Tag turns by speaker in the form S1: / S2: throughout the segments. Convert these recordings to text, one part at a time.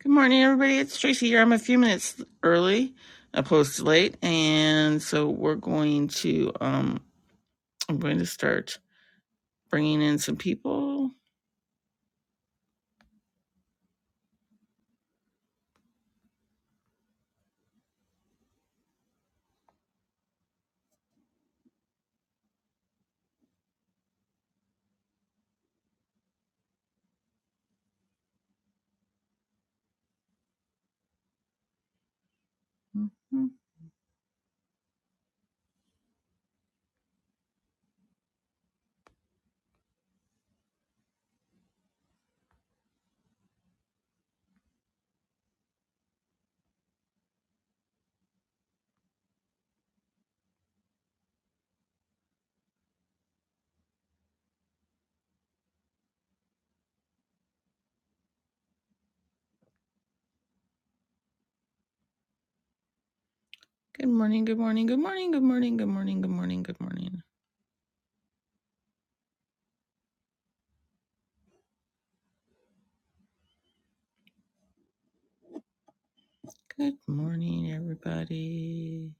S1: Good morning, everybody. It's Tracy here. I'm a few minutes early, opposed to late, and so we're going to um, I'm going to start bringing in some people. Mhm. Good morning. Good morning. Good morning. Good morning. Good morning. Good morning. Good morning. Good morning, everybody.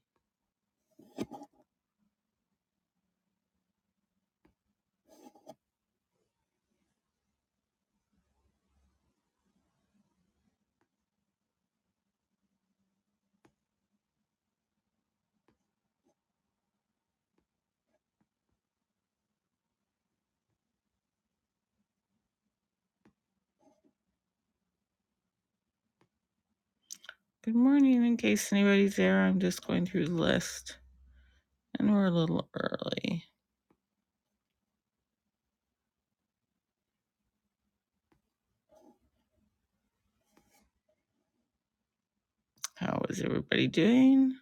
S1: Good morning. In case anybody's there, I'm just going through the list, and we're a little early. How is everybody doing?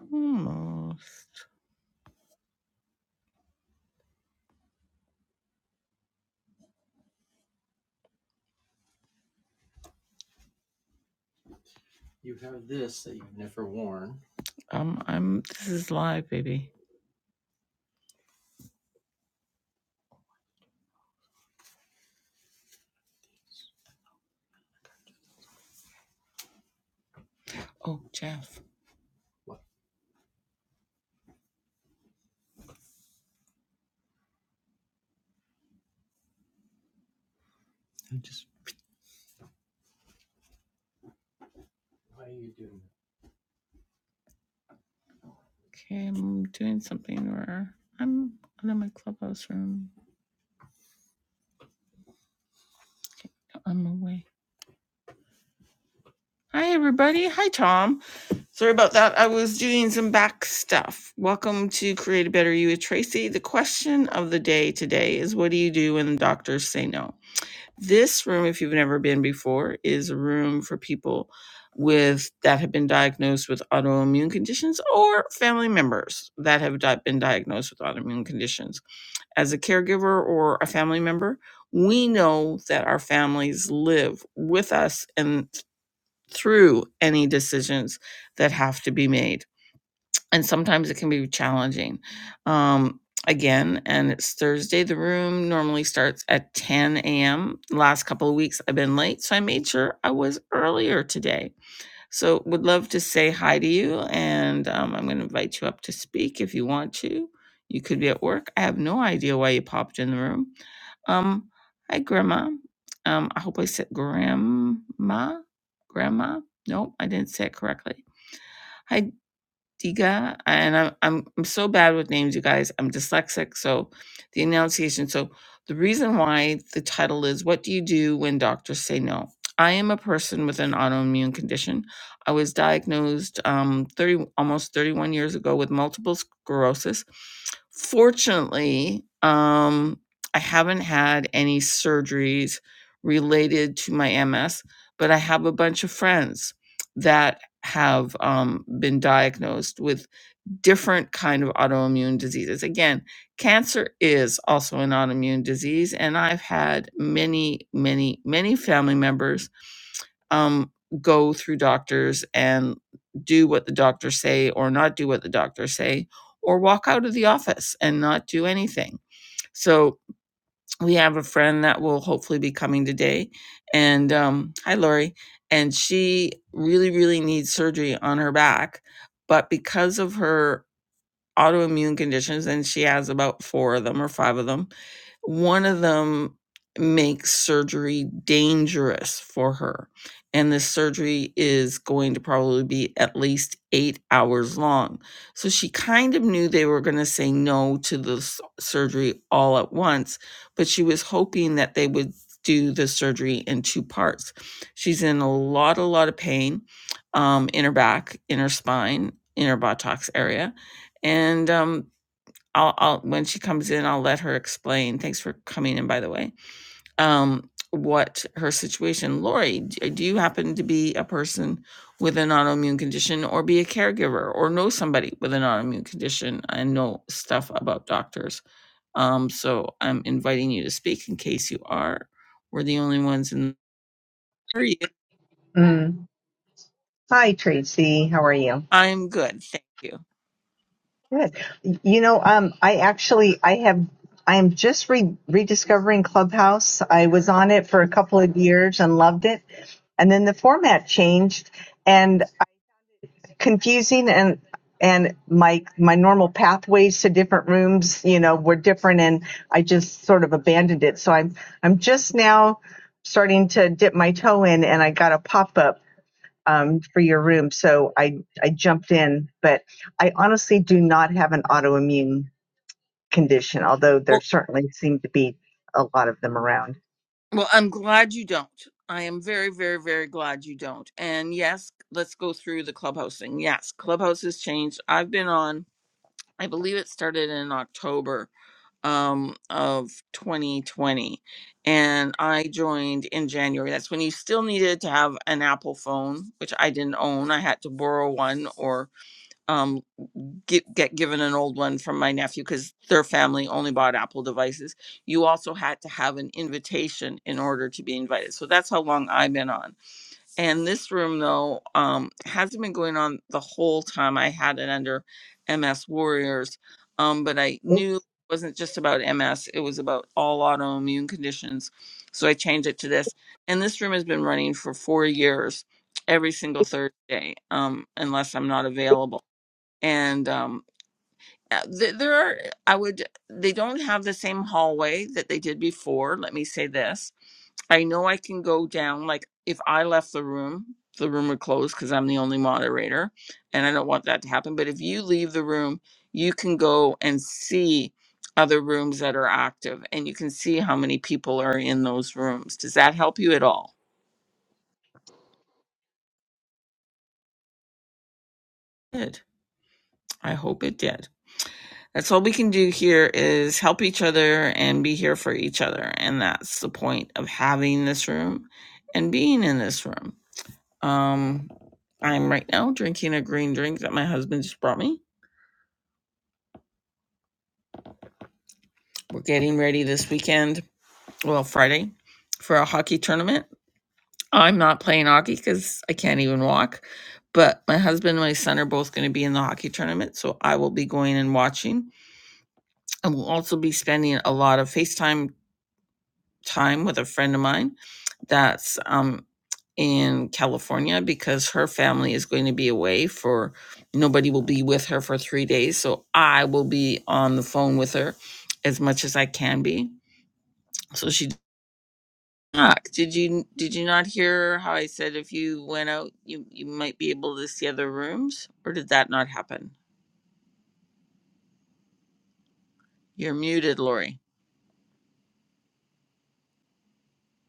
S1: Almost. Um, I'm. This is live, baby. Oh, Jeff. Okay, I'm doing something where I'm I'm in my clubhouse room. I'm away. Hi, everybody. Hi, Tom. Sorry about that. I was doing some back stuff. Welcome to Create a Better You with Tracy. The question of the day today is what do you do when the doctors say no? This room, if you've never been before, is a room for people with that have been diagnosed with autoimmune conditions or family members that have di- been diagnosed with autoimmune conditions as a caregiver or a family member, we know that our families live with us and through any decisions that have to be made. And sometimes it can be challenging. Um, again, and it's Thursday. The room normally starts at 10 a.m. Last couple of weeks, I've been late, so I made sure I was earlier today so, would love to say hi to you, and um, I'm going to invite you up to speak if you want to. You could be at work. I have no idea why you popped in the room. Um, hi, Grandma. Um, I hope I said grandma. Grandma? Nope, I didn't say it correctly. Hi. Diga, and I'm I'm I'm so bad with names, you guys. I'm dyslexic, so the enunciation. So the reason why the title is "What Do You Do When Doctors Say No?" I am a person with an autoimmune condition. I was diagnosed um, 30 almost 31 years ago with multiple sclerosis. Fortunately, um, I haven't had any surgeries related to my MS, but I have a bunch of friends that have um, been diagnosed with different kind of autoimmune diseases again cancer is also an autoimmune disease and i've had many many many family members um, go through doctors and do what the doctors say or not do what the doctors say or walk out of the office and not do anything so we have a friend that will hopefully be coming today and um hi lori and she really really needs surgery on her back but because of her autoimmune conditions, and she has about four of them or five of them. One of them makes surgery dangerous for her. And this surgery is going to probably be at least eight hours long. So she kind of knew they were going to say no to the s- surgery all at once, but she was hoping that they would do the surgery in two parts. She's in a lot, a lot of pain um, in her back, in her spine, in her buttocks area and um I'll, I'll when she comes in i'll let her explain thanks for coming in by the way um what her situation lori d- do you happen to be a person with an autoimmune condition or be a caregiver or know somebody with an autoimmune condition i know stuff about doctors um so i'm inviting you to speak in case you are we're the only ones in the
S2: Mm. Hi, Tracy. How are you?
S1: i'm good thank you
S2: Good. You know, um, I actually, I have, I am just re- rediscovering Clubhouse. I was on it for a couple of years and loved it, and then the format changed, and I- confusing and and my my normal pathways to different rooms, you know, were different, and I just sort of abandoned it. So I'm I'm just now starting to dip my toe in, and I got a pop up um, for your room. So I, I jumped in, but I honestly do not have an autoimmune condition, although there certainly seem to be a lot of them around.
S1: Well, I'm glad you don't. I am very, very, very glad you don't. And yes, let's go through the clubhouse thing. Yes, clubhouse has changed. I've been on, I believe it started in October um, of 2020. And I joined in January. That's when you still needed to have an Apple phone, which I didn't own. I had to borrow one or um, get, get given an old one from my nephew because their family only bought Apple devices. You also had to have an invitation in order to be invited. So that's how long I've been on. And this room, though, um, hasn't been going on the whole time I had it under MS Warriors. Um, but I knew it wasn't just about MS, it was about all autoimmune conditions. So I changed it to this. And this room has been running for four years every single Thursday, um, unless I'm not available. And um, uh, th- there are i would they don't have the same hallway that they did before let me say this i know i can go down like if i left the room the room would close because i'm the only moderator and i don't want that to happen but if you leave the room you can go and see other rooms that are active and you can see how many people are in those rooms does that help you at all good i hope it did That's all we can do here is help each other and be here for each other. And that's the point of having this room and being in this room. Um, I'm right now drinking a green drink that my husband just brought me. We're getting ready this weekend, well, Friday, for a hockey tournament. I'm not playing hockey because I can't even walk, but my husband and my son are both going to be in the hockey tournament. So I will be going and watching. I will also be spending a lot of FaceTime time with a friend of mine that's um, in California because her family is going to be away for nobody will be with her for three days. So I will be on the phone with her as much as I can be. So she Ah, did you did you not hear how I said if you went out you you might be able to see other rooms or did that not happen? You're muted, Lori.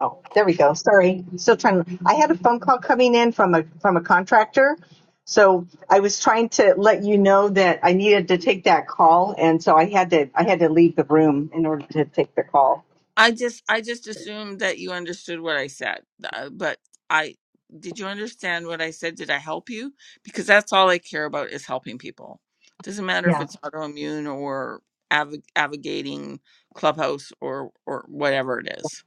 S2: Oh, there we go. Sorry. Still trying. I had a phone call coming in from a from a contractor. So I was trying to let you know that I needed to take that call and so I had to I had to leave the room in order to take the call.
S1: I just I just assumed that you understood what I said, uh, but I did you understand what I said? Did I help you? Because that's all I care about is helping people. Doesn't matter if
S2: Yeah.
S1: it's autoimmune or av- navigating clubhouse or or whatever it is.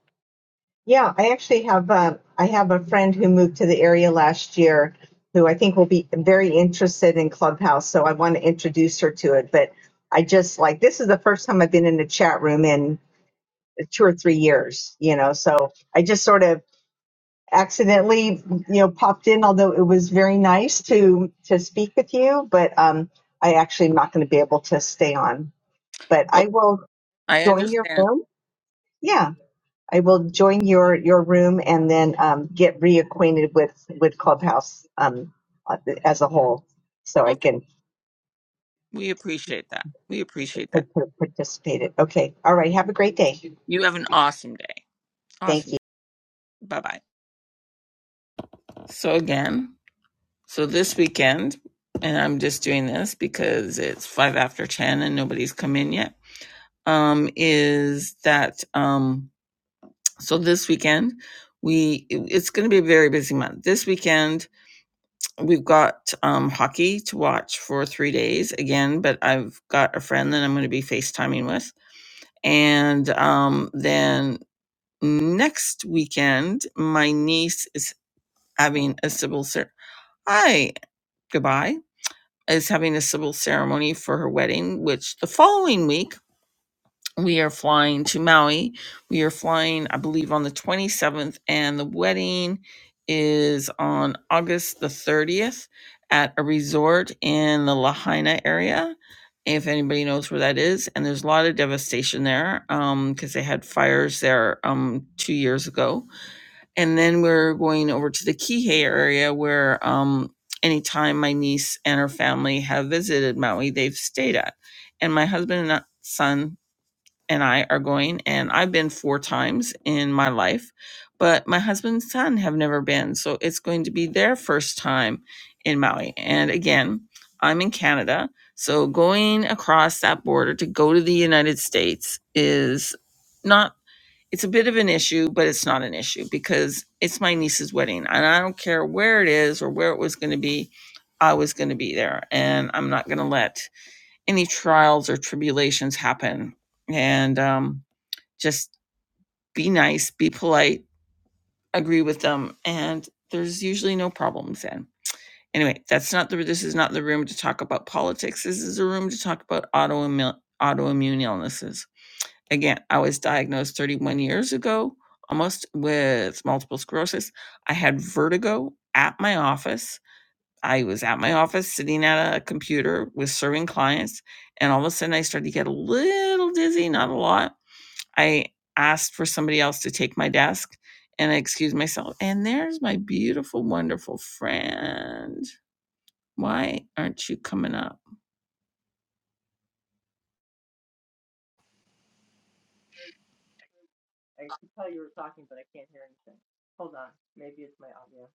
S2: Yeah, I actually have uh, I have a friend who moved to the area last year who I think will be very interested in Clubhouse, so I want to introduce her to it, but I just like this is the first time I've been in a chat room in 2 or 3 years, you know. So I just sort of accidentally, you know, popped in, although it was very nice to to speak with you, but um, I actually am not going to be able to stay on. But
S1: Well,
S2: I will
S1: I
S2: join your
S1: understand.
S2: room. Yeah, I will join your your room and then um, get reacquainted with with Clubhouse um, as a whole, so
S1: Oh,
S2: I
S1: thank
S2: can
S1: we appreciate that. We appreciate that.
S2: par- par- participate. It. Okay. All right. Have a great day.
S1: You have an awesome day.
S2: Thank
S1: Awesome.
S2: you.
S1: Bye bye. So again, so this weekend, and I'm just doing this because it's five after ten and nobody's come in yet um, is that um, so this weekend we it- it's going to be a very busy month. This weekend we've got um, hockey to watch for three days again, but I've got a friend that I'm going to be FaceTiming with, and um, then next weekend my niece is having a civil cer- hi goodbye is having a civil ceremony for her wedding, which the following week we are flying to Maui. We are flying, I believe, on the 27th, and the wedding is on August the 30th at a resort in the Lahaina area. If anybody knows where that is, and there's a lot of devastation there because they had fires there um, two years ago. And then we're going over to the Kihei area where um, anytime my niece and her family have visited Maui, they've stayed at. And my husband and son and I are going, and I've been four times in my life, but my husband's son have never been, so it's going to be their first time in Maui. And again, I'm in Canada, so going across that border to go to the United States is not. It's a bit of an issue, but it's not an issue because it's my niece's wedding, and I don't care where it is or where it was going to be. I was going to be there, and I'm not going to let any trials or tribulations happen and um, just be nice be polite agree with them and there's usually no problems then anyway that's not the this is not the room to talk about politics this is a room to talk about autoimmune autoimmune illnesses again i was diagnosed 31 years ago almost with multiple sclerosis i had vertigo at my office I was at my office sitting at a computer with serving clients, and all of a sudden I started to get a little dizzy, not a lot. I asked for somebody else to take my desk and I excused myself. And there's my beautiful, wonderful friend. Why aren't you coming up?
S3: I could tell you were talking, but I can't hear anything. Hold on. Maybe it's my audio.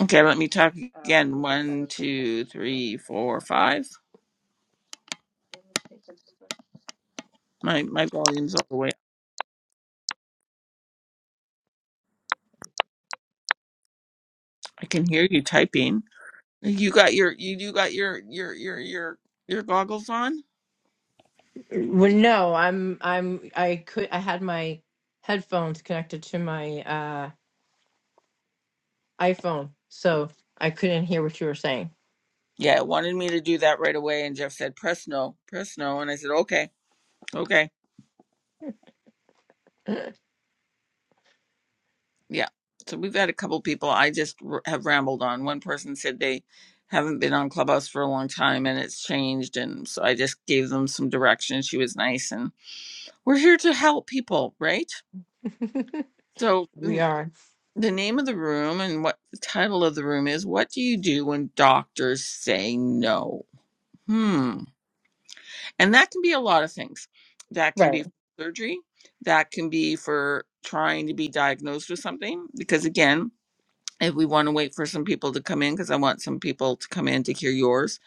S1: Okay, let me talk
S3: Oh, I
S1: again.
S3: think it's set
S1: One,
S3: up for my
S1: two,
S3: headphones still.
S1: three,
S3: Hold
S1: four,
S3: on.
S1: five.
S3: Let me take this
S1: My my volume's all the way. up. I can hear you typing. You got your you you got your your your your your goggles on?
S3: Well, no, I'm I'm I could I had my headphones connected to my uh iPhone, so I couldn't hear what you were saying.
S1: Yeah, it wanted me to do that right away. And Jeff said, press no, press no. And I said, okay, okay. Yeah. So we've had a couple people I just r- have rambled on. One person said they haven't been on Clubhouse for a long time and it's changed. And so I just gave them some direction. She was nice. And we're here to help people, right? So
S3: We
S1: mm,
S3: are
S1: the name of the room and what the title of the room is What Do You Do When Doctors Say No? Hmm. And that can be a lot of things. That can be
S3: right.
S1: surgery. That can be for trying to be diagnosed with something. Because again, if we want to wait for some people to come in, because I want some people to come in to hear yours.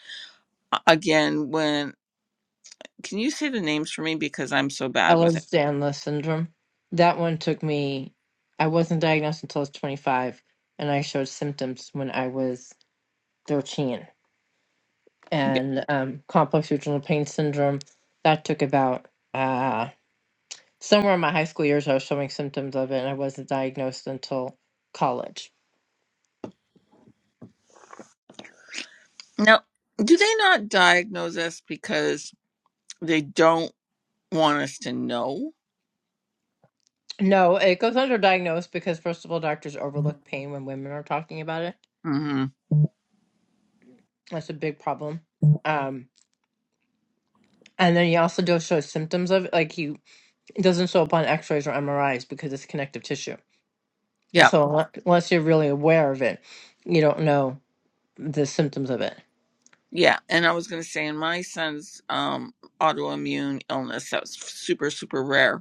S1: A- Again, when can you say the names for me? Because I'm so bad with it.
S3: Ehlers-Danlos syndrome. That one took me. I wasn't diagnosed until I was 25, and I showed symptoms when I was 13.
S1: Yeah.
S3: and um, complex regional pain syndrome. That took about uh, somewhere in my high school years, I was showing symptoms of it, and I wasn't diagnosed until college.
S1: Now, do they not diagnose us because they don't want us to know?
S3: No, it goes underdiagnosed because, first of all, doctors overlook pain when women are talking about it.
S1: Mm-hmm.
S3: That's a big problem. Um, and then he also does show symptoms of it. Like he it doesn't show up on x rays or MRIs because it's connective tissue.
S1: Yeah.
S3: So, unle- unless you're really aware of it, you don't know the symptoms of it.
S1: Yeah. And I was going to say, in my son's um, autoimmune illness, that was super, super rare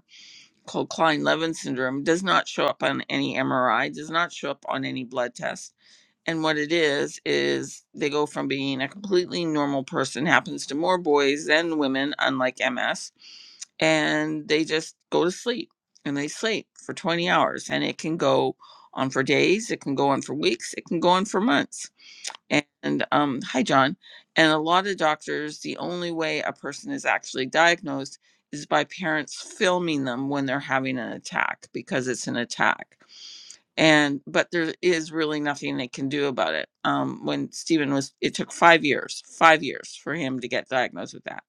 S1: called Klein-Levin syndrome does not show up on any MRI, does not show up on any blood test. And what it is is they go from being a completely normal person happens to more boys than women unlike MS and they just go to sleep and they sleep for 20 hours and it can go on for days, it can go on for weeks, it can go on for months and um, hi john and a lot of doctors the only way a person is actually diagnosed is by parents filming them when they're having an attack because it's an attack and but there is really nothing they can do about it um, when stephen was it took five years five years for him to get diagnosed with that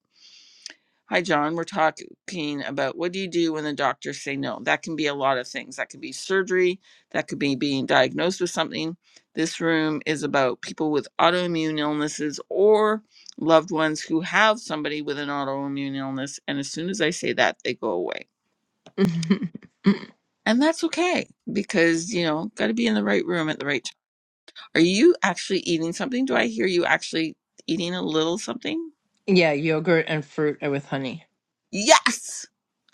S1: Hi, John. We're talking about what do you do when the doctors say no? That can be a lot of things. That could be surgery, that could be being diagnosed with something. This room is about people with autoimmune illnesses or loved ones who have somebody with an autoimmune illness. And as soon as I say that, they go away. And that's okay because, you know, got to be in the right room at the right time. Are you actually eating something? Do I hear you actually eating a little something?
S3: Yeah, yogurt and fruit with honey.
S1: Yes.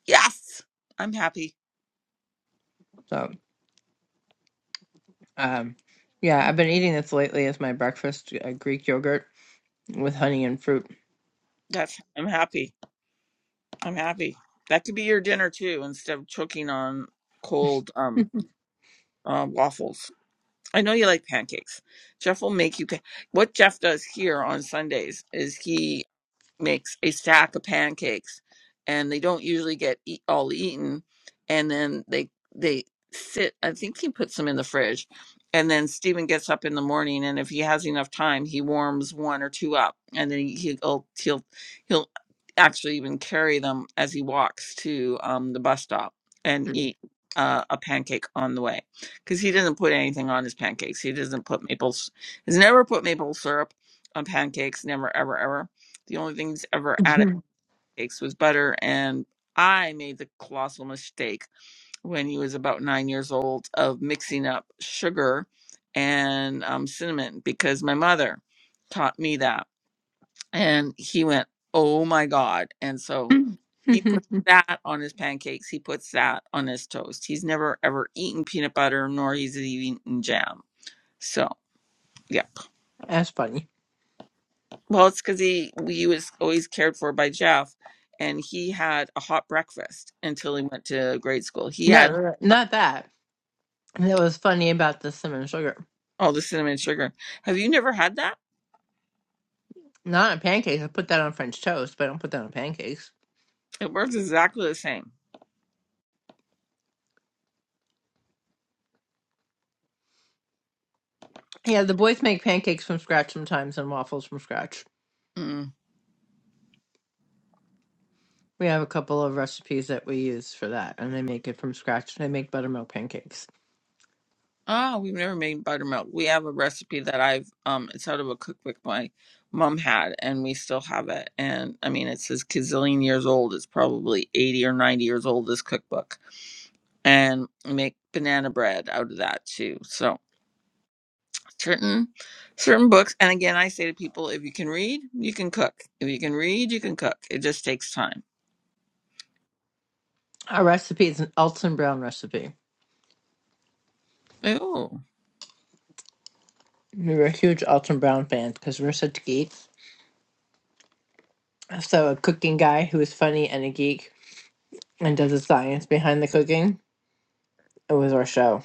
S1: Yes. I'm happy.
S3: So, um, yeah,
S1: I'm
S3: I've been eating this lately as my breakfast, uh, Greek yogurt with honey and fruit.
S1: that's I'm happy. I'm happy. That could be your dinner too, instead of choking on cold um uh, waffles. I know you like pancakes. Jeff will make you. Pa- what Jeff does here on Sundays is he makes a stack of pancakes and they don't usually get eat, all eaten and then they they sit i think he puts them in the fridge and then Stephen gets up in the morning and if he has enough time he warms one or two up and then he- he'll he'll he'll actually even carry them as he walks to um, the bus stop and eat uh, a pancake on the way because he doesn't put anything on his pancakes he doesn't put maple s- he's never put maple syrup on pancakes never ever ever the only things ever added to cakes was butter, and I made the colossal mistake when he was about nine years old of mixing up sugar and um, cinnamon because my mother taught me that, and he went, "Oh my god!" And so he puts that on his pancakes. He puts that on his toast. He's never ever eaten peanut butter, nor he's eaten jam. So yeah.
S3: That's funny.
S1: Well, it's because he he was always cared for by Jeff, and he had a hot breakfast until he went to grade school. He
S3: No,
S1: had
S3: no, no, not that. That was funny about the cinnamon sugar.
S1: all the cinnamon sugar. Have you never had that?
S3: Not on pancakes. I put that on French toast, but I don't put that on pancakes.
S1: It works exactly the same.
S3: Yeah, the boys make pancakes from scratch sometimes and waffles from scratch.
S1: Mm.
S3: We have a couple of recipes that we use for that, and they make it from scratch. They make buttermilk pancakes.
S1: Oh, we've never made buttermilk. We have a recipe that I've um, it's out of a cookbook my mom had, and we still have it. And I mean, it's says gazillion years old. It's probably eighty or ninety years old. This cookbook, and make banana bread out of that too. So. certain certain books and again i say to people if you can read you can cook if you can read you can cook it just takes time
S3: Our recipe is an Alton Brown recipe.
S1: oh
S3: We were huge Alton Brown fans because we're such geeks. So a cooking guy who is funny and a geek and does the science behind the cooking. It was our show.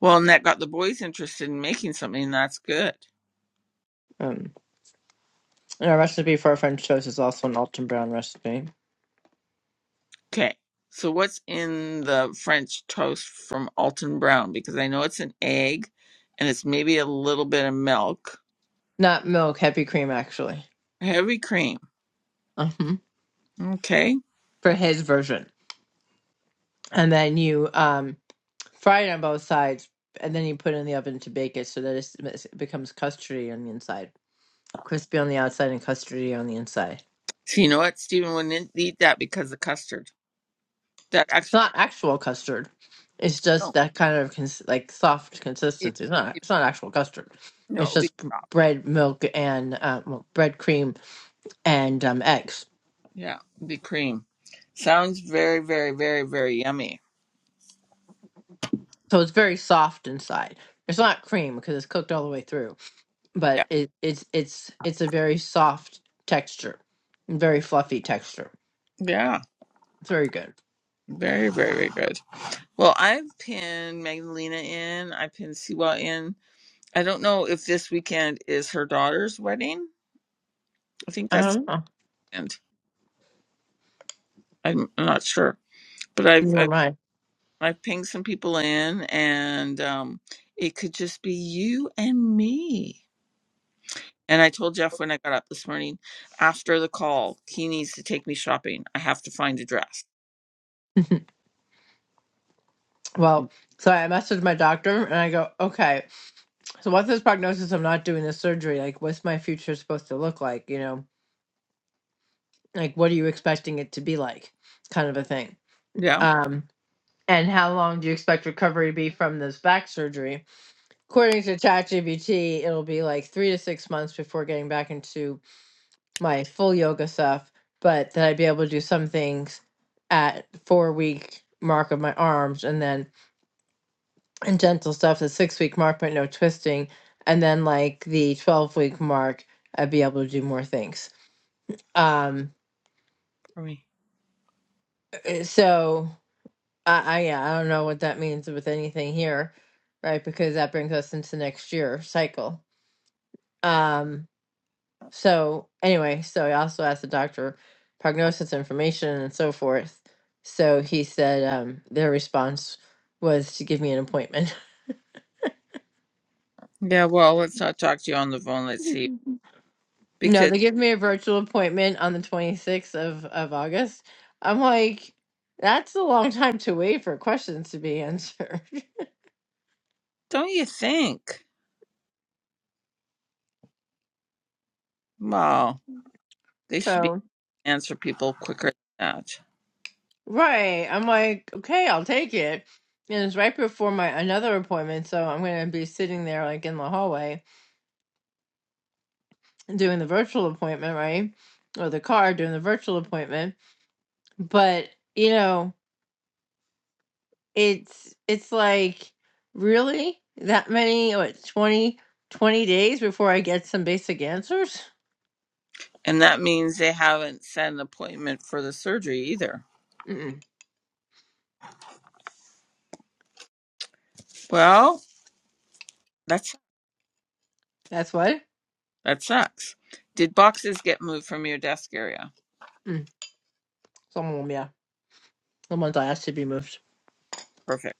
S1: well and that got the boys interested in making something and that's good
S3: Um, and our recipe for our French toast is also an Alton Brown recipe.
S1: okay so what's in the french toast from alton brown because i know it's an egg and it's maybe a little bit of milk
S3: Not milk, heavy cream actually.
S1: heavy cream
S3: Uh huh.
S1: okay
S3: For his version. And then you um, fry it on both sides and then you put it in the oven to bake it so that it's- it becomes custardy on the inside. Crispy on the outside and custardy on the inside
S1: so you know what stephen wouldn't eat that because of custard that
S3: It's
S1: actually
S3: not actual custard. It's just
S1: no
S3: that kind of cons- like soft
S1: it,
S3: consistency. It's not.
S1: it
S3: It's not actual custard. It's
S1: no
S3: just b- bread, milk, and uh, well, bread cream and um, eggs.
S1: Yeah, the cream. Sounds very, very, very, very yummy.
S3: So it's very soft inside. It's not cream because it's cooked all the way through,
S1: Yeah.
S3: but it, it's it's it's a very soft texture, very fluffy texture.
S1: Yeah.
S3: It's very good.
S1: Very, very, very good. Well, I've pinned Magdalena in. I pinned Siwa in. I don't know if this weekend is her daughter's wedding. I think
S3: I
S1: that's
S3: don't know.
S1: and I'm I'm not sure. But I've
S3: Never
S1: I've
S3: mind.
S1: I've pinged some people in and um it could just be you and me. And I told Jeff when I got up this morning, after the call, he needs to take me shopping. I have to find a dress. Mm.
S3: Well, so I messaged my doctor and I go, okay. So what's this prognosis of not doing this surgery? Like, what's my future supposed to look like? You know, like what are you expecting it to be like? Kind of a thing.
S1: Yeah,
S3: Um, and how long do you expect recovery to be from this back surgery? According to ChatGPT, it'll be like three to six months before getting back into my full yoga stuff, but that I'd be able to do some things at four week mark of my arms and then and gentle stuff, the six week mark, but no twisting. And then like the 12 week mark, I'd be able to do more things. Um,
S1: for me.
S3: eh, so I, I, yeah, I don't know what that means with anything here, right? Because that brings us into next year cycle. Um, so anyway, so I also asked the doctor prognosis information and so forth. So he said, um, their response was to give me an appointment.
S1: Yeah, well, let's not talk to you on the phone. Let's see.
S3: No,
S1: Because
S3: they give me a virtual appointment on the 26th of, of August. I'm like, that's a long time to wait for questions to be answered.
S1: don't you think? Well, they should be
S3: So,
S1: answer people quicker than that.
S3: right. I'm like, okay, I'll take it. And it's right before my another appointment, so I'm going to be sitting there like in the hallway doing the virtual appointment, right? Or the car doing the virtual appointment. But, you know, it's it's like really that many what 20 20 days before I get some basic answers?
S1: And that means they haven't set an appointment for the surgery either.
S3: Mm-mm.
S1: Well, that's
S3: That's what?
S1: that sucks. Did boxes get moved from your desk area?
S3: Mm. Someone, yeah. Someone's asked to be moved.
S1: Perfect.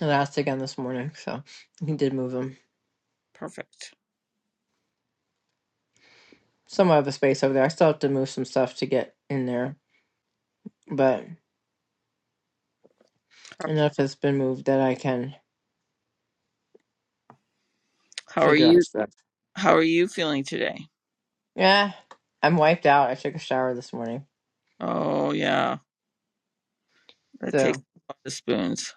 S3: And I asked again this morning, so he did move them.
S1: Perfect.
S3: Some of the space over there. I still have to move some stuff to get in there, but enough has been moved that I can
S1: How are
S3: figure out
S1: you
S3: stuff.
S1: how are you feeling today?
S3: Yeah, I'm wiped out. I took a shower this morning,
S1: Oh yeah. That takes
S3: so
S1: a lot of spoons.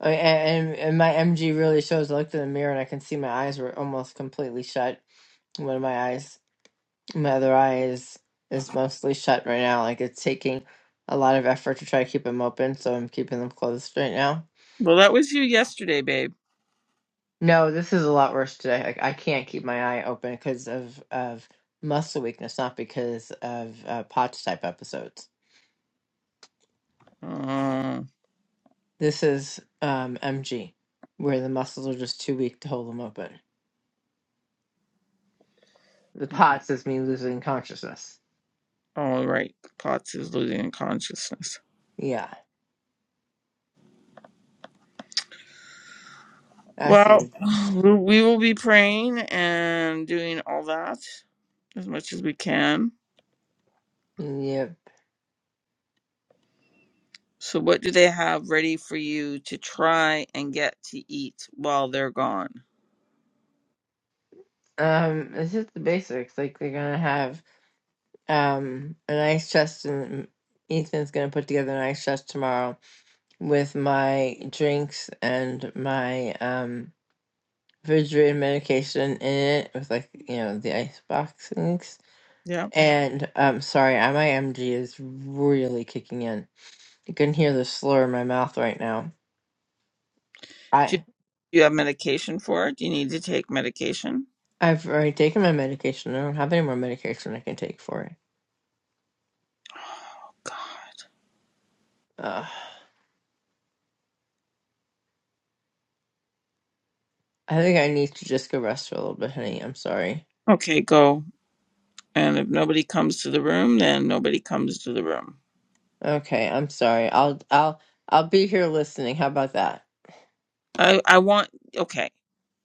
S3: I- and and my MG really shows. I looked in the mirror and I can see my eyes were almost completely shut. One of my eyes my other eye is is mostly shut right now. Like it's taking a lot of effort to try to keep them open, so I'm keeping them closed right now.
S1: Well that was you yesterday, babe.
S3: No, this is a lot worse today. Like I can't keep my eye open because of of muscle weakness, not because of uh, potch type episodes.
S1: Oh
S3: This is um, MG, where the muscles are just too weak to hold them open. The POTS is me losing consciousness.
S1: all right. Potts is losing consciousness.
S3: Yeah, that's the
S1: Well,
S3: difference.
S1: we we will be praying and doing all that as much as we can.
S3: Yep.
S1: So what do they have ready for you to try and get to eat while they're gone?
S3: Um, this is the basics. Like they're gonna have um a nice chest and ethan's gonna put together a nice chest tomorrow with my drinks and my um refrigerated medication in it with like you know the ice boxings
S1: Yeah.
S3: and um sorry I, my mg is really kicking in you can hear the slur in my mouth right now
S1: Do you,
S3: i
S1: do you have medication for it? Do you need to take medication?
S3: i've already taken my medication i don't have any more medication i can take for it Ugh. i think i need to just go rest for a little bit honey i'm sorry
S1: Okay, go. And if nobody comes to the room, then nobody comes to the room.
S3: Okay, I'm sorry. I'll I'll I'll be here listening. How about that?
S1: I I want okay.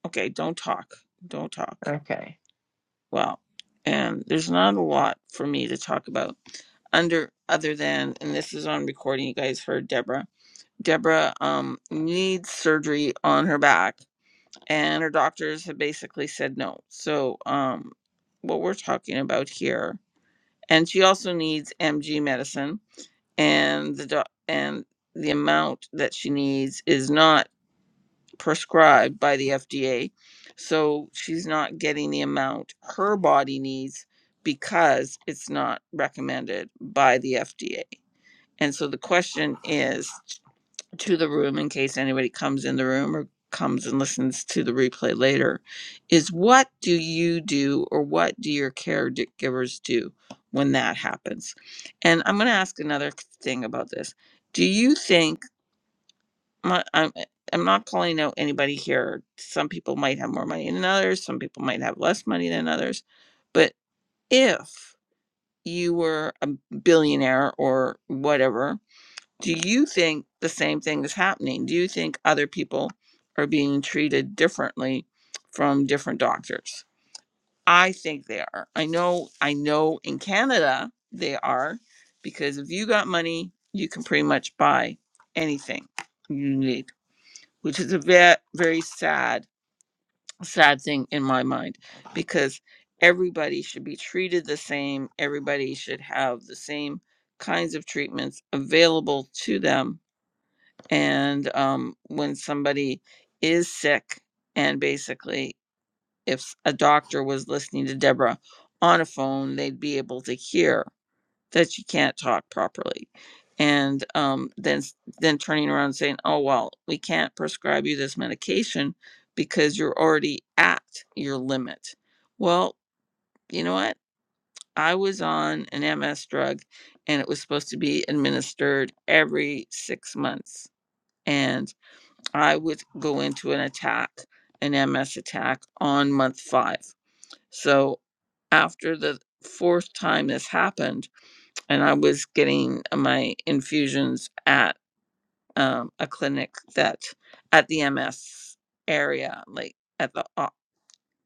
S1: Okay, don't talk. Don't talk.
S3: Okay.
S1: Well, and there's not a lot for me to talk about under other than and this is on recording you guys heard Deborah. Deborah um needs surgery on her back and her doctors have basically said no. So, um, what we're talking about here, and she also needs MG medicine, and the doc- and the amount that she needs is not prescribed by the FDA, so she's not getting the amount her body needs because it's not recommended by the FDA. And so the question is to the room in case anybody comes in the room or comes and listens to the replay later is what do you do or what do your caregivers do when that happens and i'm going to ask another thing about this do you think my, I'm, eh, I'm not calling out anybody here some people might have more money than others some people might have less money than others but if you were a billionaire or whatever do you think the same thing is happening? Do you think other people are being treated differently from different doctors? I think they are. I know I know in Canada they are because if you got money, you can pretty much buy anything you need, which is a very very sad sad thing in my mind because everybody should be treated the same, everybody should have the same kinds of treatments available to them and um, when somebody is sick and basically if a doctor was listening to deborah on a phone they'd be able to hear that she can't talk properly and um, then s- then turning around and saying oh well we can't prescribe you this medication because you're already at your limit well you know what i was on an ms drug and it was supposed to be administered every six months and I would go into an attack, an MS attack on month five. So after the fourth time this happened, and I was getting my infusions at um, a clinic that at the MS area, like at the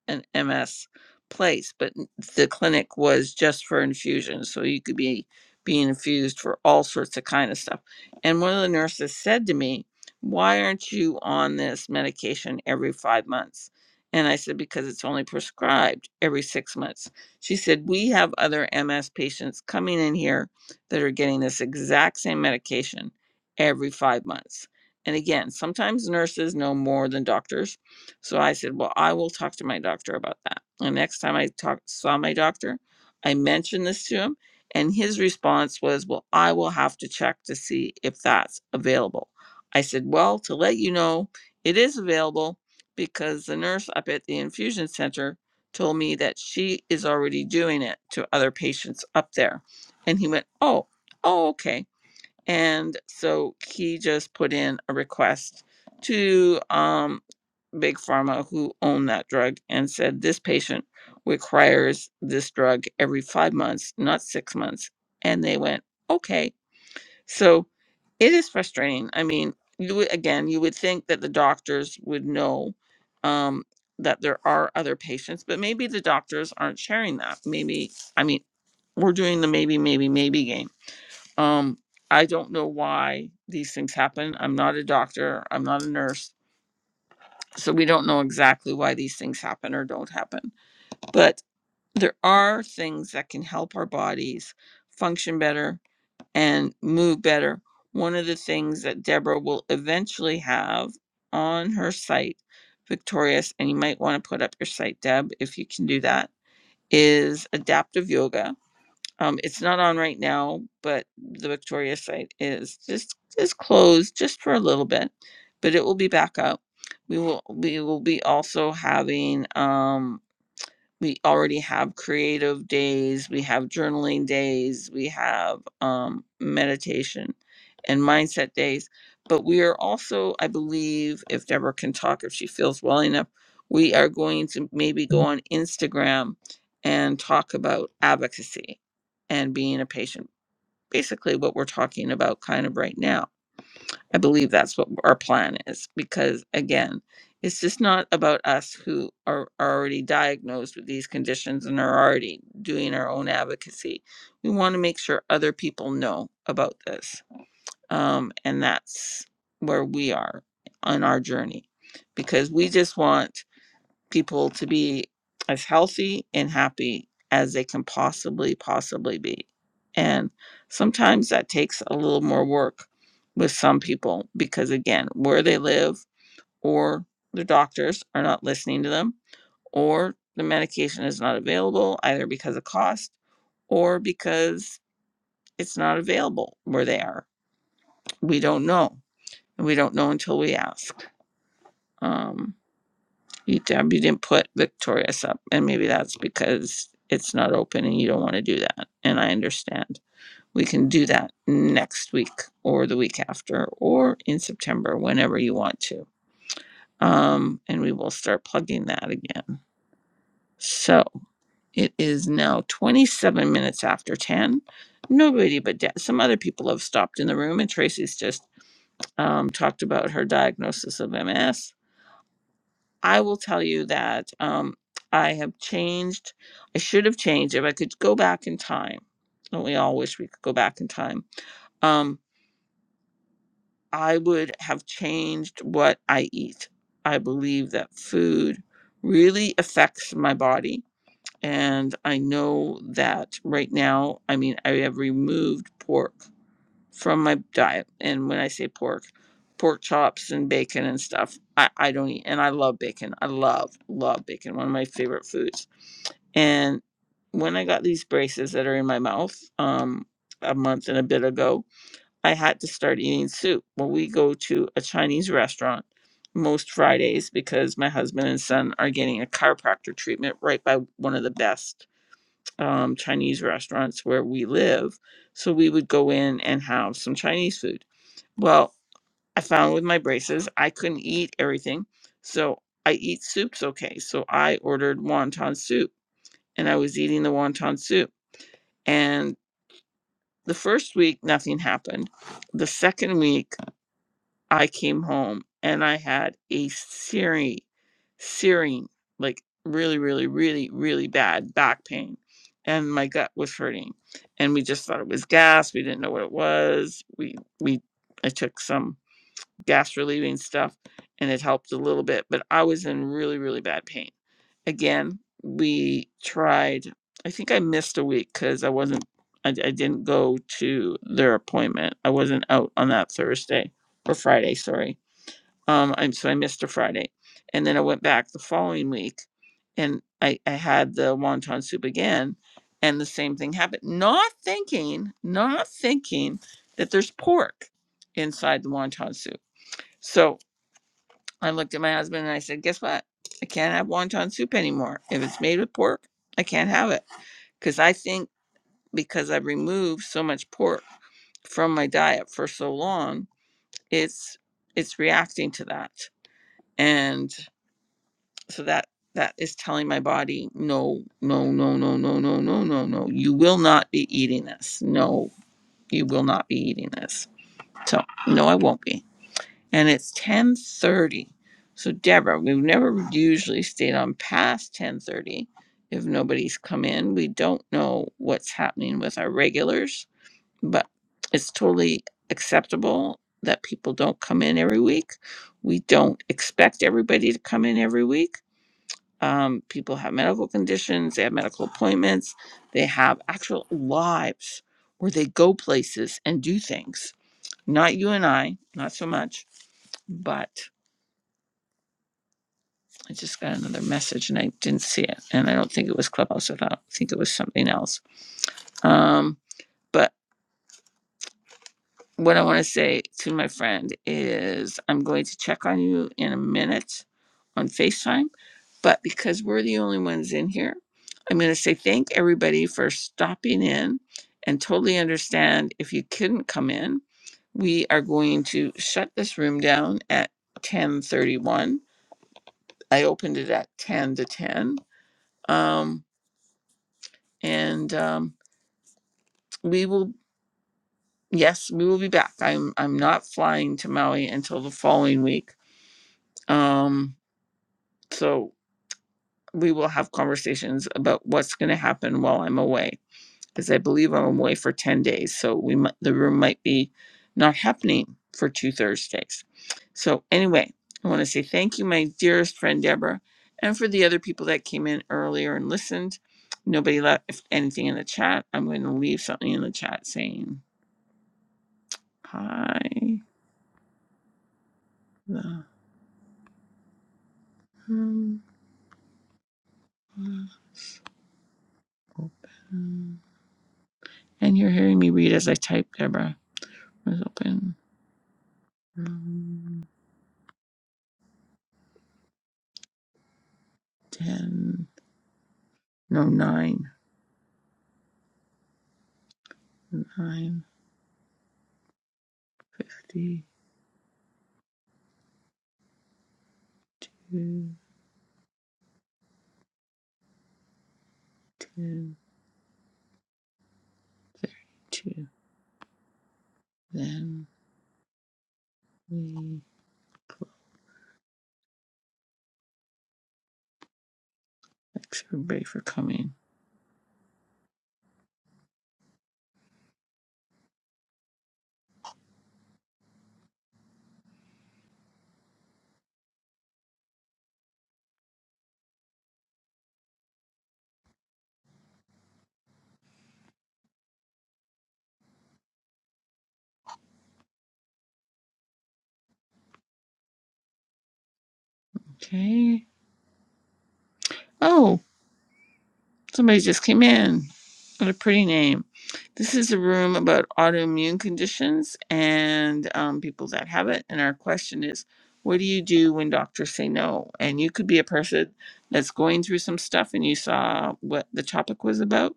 S1: an MS place, but the clinic was just for infusions, so you could be being infused for all sorts of kind of stuff. And one of the nurses said to me, "Why aren't you on this medication every 5 months?" And I said because it's only prescribed every 6 months. She said, "We have other MS patients coming in here that are getting this exact same medication every 5 months." And again, sometimes nurses know more than doctors so I said, Well, I will talk to my doctor about that. And next time I talk, saw my doctor, I mentioned this to him. And his response was, Well, I will have to check to see if that's available. I said, Well, to let you know, it is available because the nurse up at the infusion center told me that she is already doing it to other patients up there. And he went, Oh, oh, okay. And so he just put in a request to um, big pharma who owned that drug and said this patient requires this drug every five months, not six months. And they went, okay. So it is frustrating. I mean, you would, again, you would think that the doctors would know um, that there are other patients, but maybe the doctors aren't sharing that. Maybe, I mean, we're doing the maybe, maybe, maybe game. Um, I don't know why these things happen. I'm not a doctor, I'm not a nurse. So we don't know exactly why these things happen or don't happen. But there are things that can help our bodies function better and move better. One of the things that Deborah will eventually have on her site, Victorious, and you might want to put up your site, Deb, if you can do that, is adaptive yoga um, it's not on right now, but the Victoria site is just is closed just for a little bit, but it will be back up. We will we will be also having um, we already have creative days, we have journaling days, we have um, meditation and mindset days. But we are also, I believe, if Deborah can talk, if she feels well enough, we are going to maybe go on Instagram and talk about advocacy and being a patient, basically what we're talking about kind of right now I believe that's what our plan is because again, it's just not about us who are, are already diagnosed with these conditions and are already doing our own advocacy. We want to make sure other people know about this. Um, and that's where we are on our journey because we just want people to be as healthy and happy as they can possibly possibly be and sometimes that takes a little more work with some people because again where they live or the doctors are not listening to them or the medication is not available either because of cost or because it's not available where they are we don't know and we don't know until we ask Um, You Deb, you didn't put Victorious up, and maybe that's because it's not open and you don't want to do that. And I understand. We can do that next week or the week after or in September, whenever you want to. Um, and we will start plugging that again. So it is now 27 minutes after 10. Nobody but Deb. Some other people have stopped in the room, and Tracy's just um, talked about her diagnosis of MS I will tell you that um, I have changed. I should have changed if I could go back in time. And we all wish we could go back in time. Um, I would have changed what I eat. I believe that food really affects my body. And I know that right now, I mean, I have removed pork from my diet. And when I say pork, pork chops and bacon and stuff. I, I don't eat, and I love bacon. I love, love bacon, one of my favorite foods. And when I got these braces that are in my mouth um, a month and a bit ago, I had to start eating soup. Well, we go to a Chinese restaurant most Fridays because my husband and son are getting a chiropractor treatment right by one of the best um, Chinese restaurants where we live. So we would go in and have some Chinese food well, I found with my braces, I couldn't eat everything. So I eat soups okay. So I ordered wonton soup and I was eating the wonton soup. And the first week, nothing happened. The second week, I came home and I had a searing, searing, like really, really, really, really bad back pain. And my gut was hurting. And we just thought it was gas. We didn't know what it was. We, we, I took some gas relieving stuff and it helped a little bit but i was in really really bad pain again we tried i think i missed a week because i wasn't I, I didn't go to their appointment i wasn't out on that thursday or friday sorry um i'm so i missed a friday and then i went back the following week and i i had the wonton soup again and the same thing happened not thinking not thinking that there's pork inside the wonton soup so I looked at my husband and I said, Guess what? I can't have wonton soup anymore. If it's made with pork, I can't have it. Because I think because I've removed so much pork from my diet for so long, it's it's reacting to that. And so that that is telling my body, no, no, no, no, no, no, no, no, no. You will not be eating this. No, you will not be eating this. So no, I won't be. and it's 10:30. So Deborah, we've never usually stayed on past 10:30 if nobody's come in. We don't know what's happening with our regulars, but it's totally acceptable that people don't come in every week. We don't expect everybody to come in every week. Um, people have medical conditions, they have medical appointments, they have actual lives where they go places and do things. Not you and I, not so much, but I just got another message and I didn't see it. And I don't think it was Clubhouse. I thought- I think it was something else. Um, but what I want to say to my friend is I'm going to check on you in a minute on FaceTime. But because we're the only ones in here, I'm going to say thank everybody for stopping in and totally understand if you couldn't come in. We are going to shut this room down at 1031. I opened it at 10 to 10. Um, and um, we will yes we will be back i'm i'm not flying to maui until the following week um so we will have conversations about what's going to happen while i'm away because i believe i'm away for 10 days so we might the room might be not happening for two thursdays so anyway i want to say thank you my dearest friend deborah and for the other people that came in earlier and listened nobody left anything in the chat i'm going to leave something in the chat saying I the room open. And you're hearing me read as I type, Deborah. Was open. Room ten. No nine. Nine fifty two. Ten thirty two. Then we thanks everybody for coming. Okay. Oh. Somebody just came in. What a pretty name. This is a room about autoimmune conditions and um, people that have it. And our question is what do you do when doctors say no? And you could be a person that's going through some stuff and you saw what the topic was about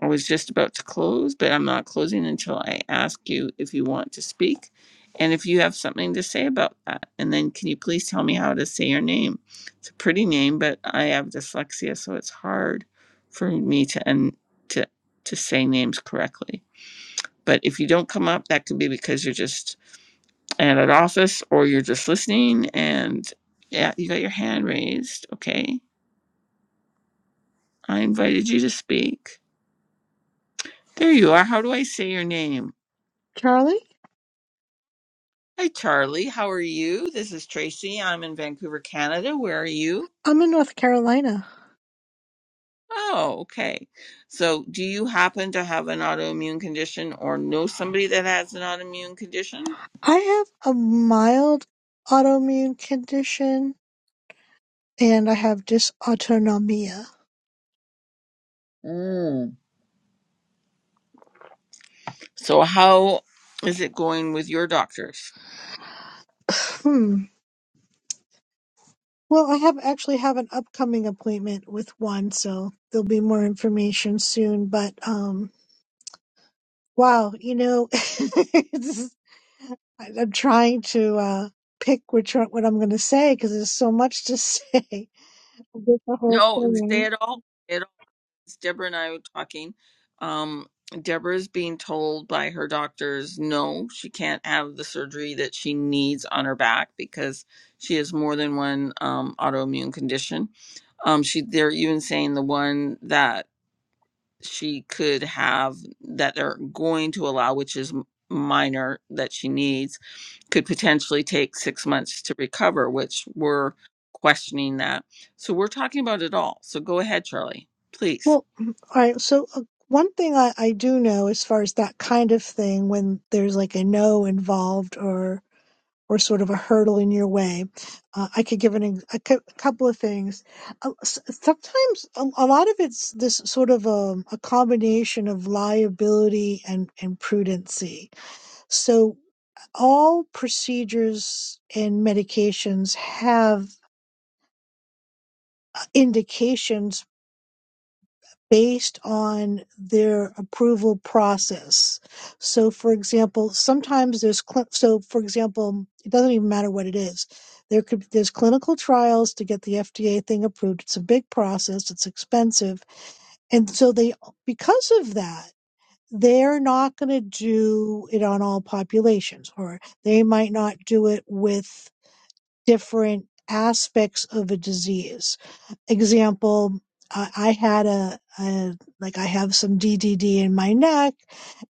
S1: I was just about to close, but I'm not closing until I ask you if you want to speak and if you have something to say about that. And then can you please tell me how to say your name? It's a pretty name, but I have dyslexia, so it's hard for me to and to to say names correctly. But if you don't come up, that could be because you're just at an office or you're just listening and yeah, you got your hand raised. Okay. I invited you to speak. There you are. How do I say your name?
S4: Charlie?
S1: Hi, Charlie. How are you? This is Tracy. I'm in Vancouver, Canada. Where are you?
S4: I'm in North Carolina.
S1: Oh, okay. So, do you happen to have an autoimmune condition or know somebody that has an autoimmune condition?
S4: I have a mild autoimmune condition and I have dysautonomia.
S1: Mm. So, how is it going with your doctors?
S4: Hmm. Well, I have actually have an upcoming appointment with one, so there'll be more information soon. But um, wow, you know, it's- I- I'm trying to uh pick which one, what I'm going to say because there's so much to say. Get the whole
S1: No, say
S4: thing.
S1: it all. Deborah and I were talking. Um, Deborah is being told by her doctors no, she can't have the surgery that she needs on her back because she has more than one um, autoimmune condition. Um, she they're even saying the one that she could have that they're going to allow, which is m- minor that she needs, could potentially take six months to recover, which we're questioning that. So we're talking about it all. So go ahead, Charlie, please.
S4: Well, mm, all right. So uh, one thing I, I do know as far as that kind of thing, when there's like a no involved or or sort of a hurdle in your way, uh, I could give an ex- a, cou- a couple of things. Uh, s- sometimes a, a lot of it's this sort of um a combination of liability and and prudency. So all procedures and medications have indications based on their approval process. So, for example, sometimes there's cl- so for example, it doesn't even matter what it is. There could there's clinical trials to get the FDA thing approved. It's a big process. It's expensive, and so they because of that they're not going to do it on all populations, or they might not do it with different aspects of a disease. Example, I I had a, a like I have some DDD in my neck,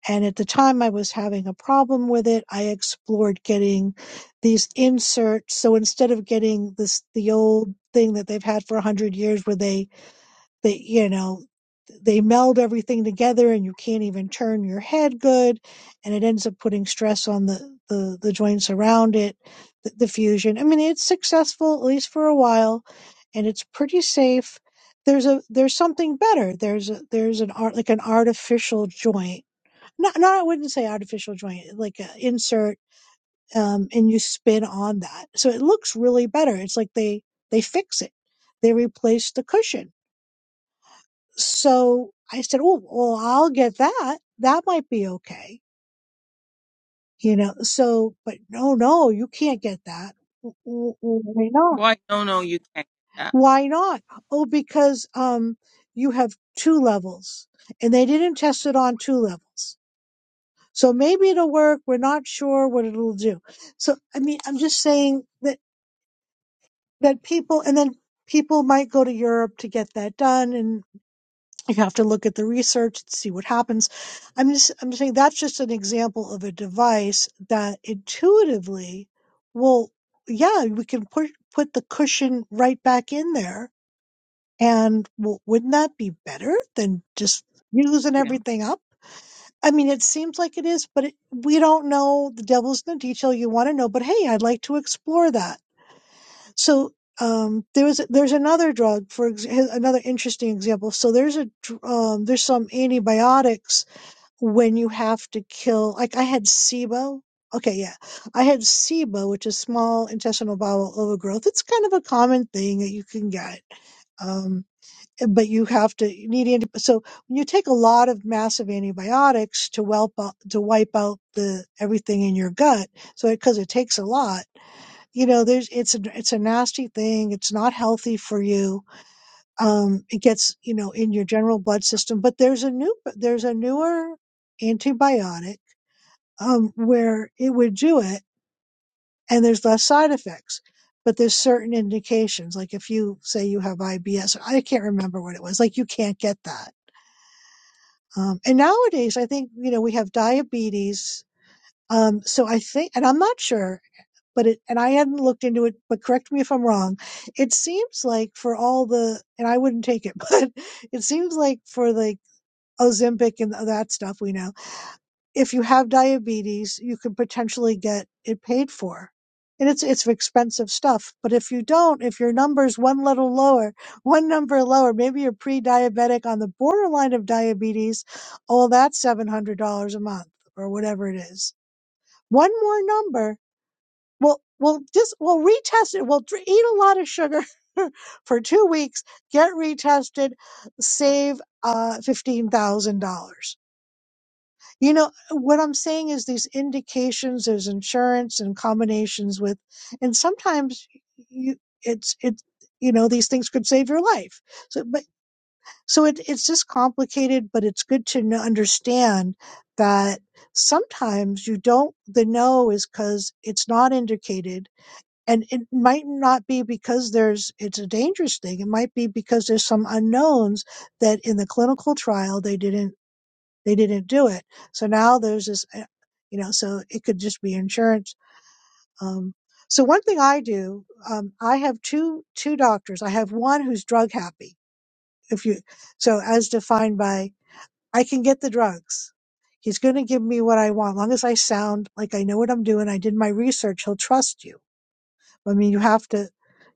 S4: and at the time I was having a problem with it. I explored getting these inserts. So instead of getting this the old thing that they've had for a hundred years, where they they, you know they meld everything together and you can't even turn your head good and it ends up putting stress on the the, the joints around it the, the fusion i mean it's successful at least for a while and it's pretty safe there's a there's something better there's a there's an art like an artificial joint not not i wouldn't say artificial joint like an insert um and you spin on that so it looks really better it's like they they fix it they replace the cushion so I said, Oh, well, I'll get that. That might be okay. You know, so, but no, no, you can't get that. "W- w- Why not?
S1: Why? No, no, you can't. do that.
S4: Why not? Oh, because, um, you have two levels and they didn't test it on two levels. So maybe it'll work. We're not sure what it'll do. So, I mean, I'm just saying that, that people, and then people might go to Europe to get that done you have to look at the research and see what happens i'm just i'm saying that's just an example of a device that intuitively will yeah we can put put the cushion right back in there and well, wouldn't that be better than just using
S1: Yeah.
S4: everything up i mean it seems like it is but it, we don't know the devil's in the detail you want to know but hey i'd like to explore that so um, there was there's another drug for ex- another interesting example. So there's a dr- um, there's some antibiotics when you have to kill. Like I had SIBO. Okay, yeah, I had SIBO, which is small intestinal bowel overgrowth. It's kind of a common thing that you can get. Um, but you have to you need anti- so when you take a lot of massive antibiotics to whelp out, to wipe out the everything in your gut so because it 'cause it takes a lot you know there's it's a it's a nasty thing it's not healthy for you um it gets you know in your general blood system but there's a new there's a newer antibiotic um where it would do it and there's less side effects but there's certain indications like if you say you have IBS I can't remember what it was like you can't get that um and nowadays I think you know we have diabetes um so I think and I'm not sure but it, and I hadn't looked into it, but correct me if I'm wrong. It seems like for all the, and I wouldn't take it, but it seems like for like Ozempic and that stuff we know, if you have diabetes, you can potentially get it paid for. And it's, it's expensive stuff. But if you don't, if your number's one little lower, one number lower, maybe you're pre-diabetic on the borderline of diabetes, oh, that's $700 a month or whatever it is. One more number we'll we'll just we'll retest it. We'll dr- eat a lot of sugar for two weeks, get retested, save uh, fifteen thousand dollars. You know what I'm saying is these indications. There's insurance and combinations with, and sometimes you it's it's you know these things could save your life. So but so it it's just complicated, but it's good to know, understand that sometimes you don't the no is because it's not indicated and it might not be because there's it's a dangerous thing it might be because there's some unknowns that in the clinical trial they didn't they didn't do it so now there's this uh, you know so it could just be insurance um so one thing i do um i have two two doctors i have one who's drug happy if you so as defined by i can get the drugs he's going to give me what i want long as i sound like i know what i'm doing i did my research he'll trust you I mean, you have to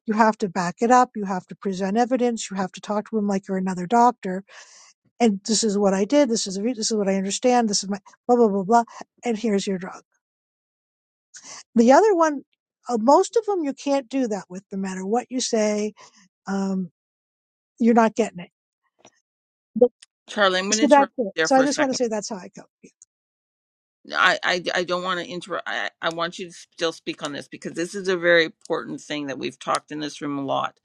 S4: you have to back it up. You have to present evidence. You have to talk to him like you're another doctor. And this is what I did. This is the re- this is what I understand. This is my blah blah blah blah. And here's your drug. The other one, uh, most of them, you can't do that with. No matter what you say, um, you're not getting it. But-
S1: Charlie, I'm going to
S4: So that's
S1: interrupt
S4: it.
S1: you there
S4: So I
S1: for a
S4: just want to
S1: second.
S4: say that's how I go.
S1: I, I, I don't want to interrupt. I, I want you to still speak on this because this is a very important thing that we've talked in this room a lot.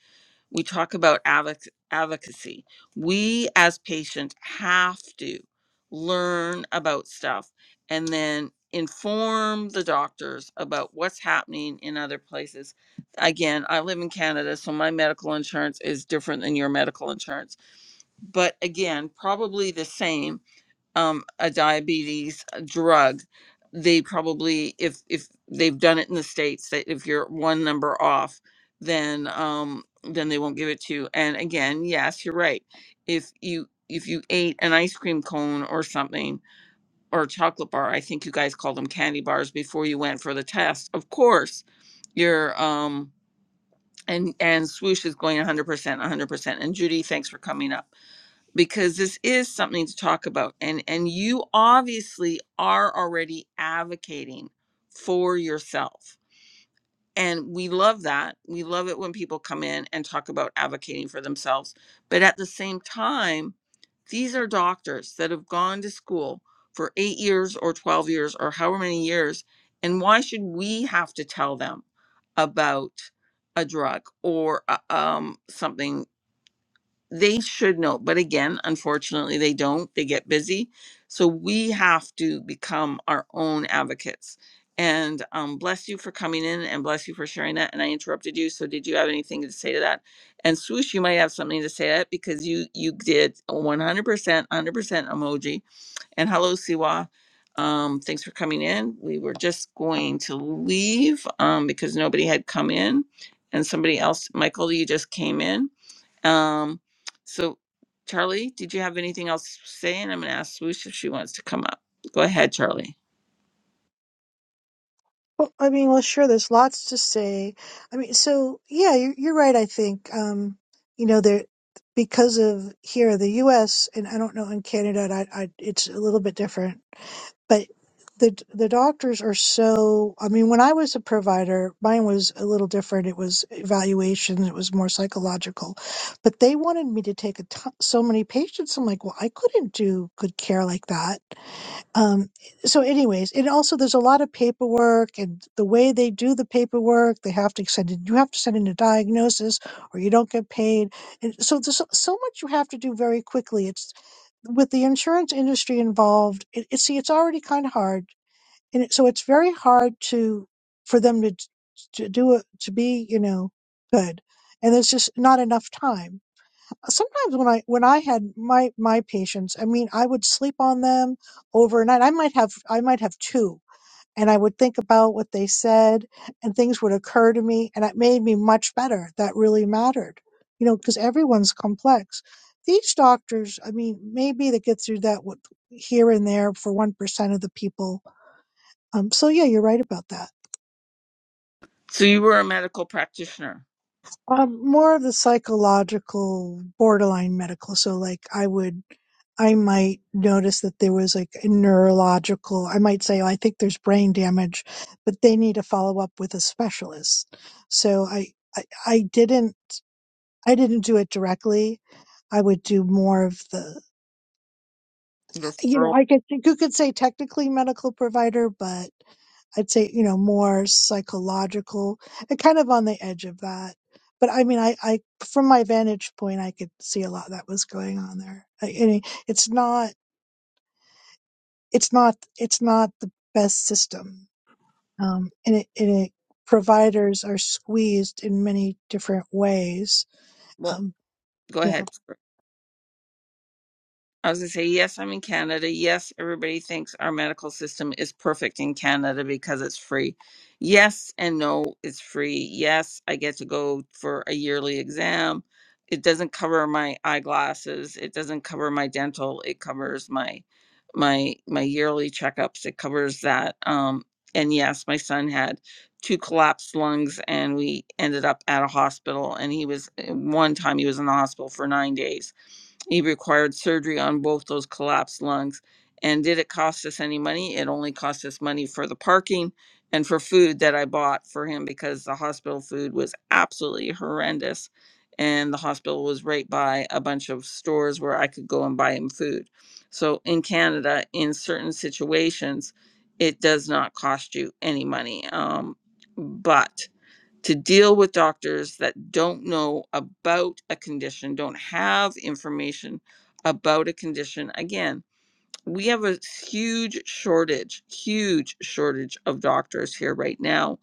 S1: We talk about advoc- advocacy. We as patients have to learn about stuff and then inform the doctors about what's happening in other places. Again, I live in Canada, so my medical insurance is different than your medical insurance but again, probably the same um, a diabetes drug. They probably, if if they've done it in the states, that if you're one number off, then um, then they won't give it to you. And again, yes, you're right. If you if you ate an ice cream cone or something or a chocolate bar, I think you guys called them candy bars before you went for the test. Of course, your um and and swoosh is going 100%, 100%. And Judy, thanks for coming up because this is something to talk about and and you obviously are already advocating for yourself and we love that we love it when people come in and talk about advocating for themselves but at the same time these are doctors that have gone to school for 8 years or 12 years or however many years and why should we have to tell them about a drug or uh, um something they should know but again unfortunately they don't they get busy so we have to become our own advocates and um, bless you for coming in and bless you for sharing that and i interrupted you so did you have anything to say to that and swoosh you might have something to say to that because you you did 100% 100% emoji and hello siwa um, thanks for coming in we were just going to leave um, because nobody had come in and somebody else michael you just came in um, so, Charlie, did you have anything else to say? And I'm going to ask Swoosh if she wants to come up. Go ahead, Charlie.
S4: Well, I mean, well, sure, there's lots to say. I mean, so yeah, you're, you're right, I think. Um, you know, there, because of here in the US, and I don't know in Canada, I, I, it's a little bit different, but the, the doctors are so, I mean, when I was a provider, mine was a little different. It was evaluation, it was more psychological, but they wanted me to take a ton so many patients. I'm like, well, I couldn't do good care like that um, so anyways and also there's a lot of paperwork and the way they do the paperwork they have to send in you have to send in a diagnosis or you don't get paid and so there's so so much you have to do very quickly it's with the insurance industry involved it, it see it's already kind of hard and it, so it's very hard to for them to to do it to be you know good and there's just not enough time sometimes when I when I had my my patients, I mean, I would sleep on them overnight. I might have I might have two, and I would think about what they said, and things would occur to me, and it made me much better. That really mattered, you know, because everyone's complex. These doctors, I mean, maybe they get through that with here and there for one percent of the people. Um, so yeah, you're right about that.
S1: So, you were a medical practitioner
S4: Um, more of the psychological, borderline medical. So, like, I would, I might notice that there was like a neurological, I might say, "Oh, I think there's brain damage, but they need to follow up with a specialist. So, I, I, I didn't, I didn't do it directly. I would do more of the, you know,
S1: referral.
S4: I guess you could say technically medical provider, but I'd say, you know, more psychological and kind of on the edge of that. But I mean, I, I, from my vantage point, I could see a lot that was going on there. I, I mean, it's not, it's not, it's not the best system. Um, and it, and it, providers are squeezed in many different ways.
S1: Well,
S4: Um,
S1: go
S4: yeah,
S1: ahead. I was going to say, yes, I'm in Canada. Yes, everybody thinks our medical system is perfect in Canada because it's free. Yes, and no, it's free. Yes, I get to go for a yearly exam. It doesn't cover my eyeglasses. It doesn't cover my dental. It covers my my my yearly checkups. It covers that. Um, and yes, my son had two collapsed lungs, and we ended up at a hospital. And he was eh, one time he was in the hospital for nine days he required surgery on both those collapsed lungs. And did it cost us any money? It only cost us money for the parking and for food that I bought for him because the hospital food was absolutely horrendous. And the hospital was right by a bunch of stores where I could go and buy him food. So in Canada, in certain situations, it does not cost you any money. Um, but to deal with doctors that don't know about a condition, don't have information about a condition. Again, we have a huge shortage, huge shortage of doctors here right now.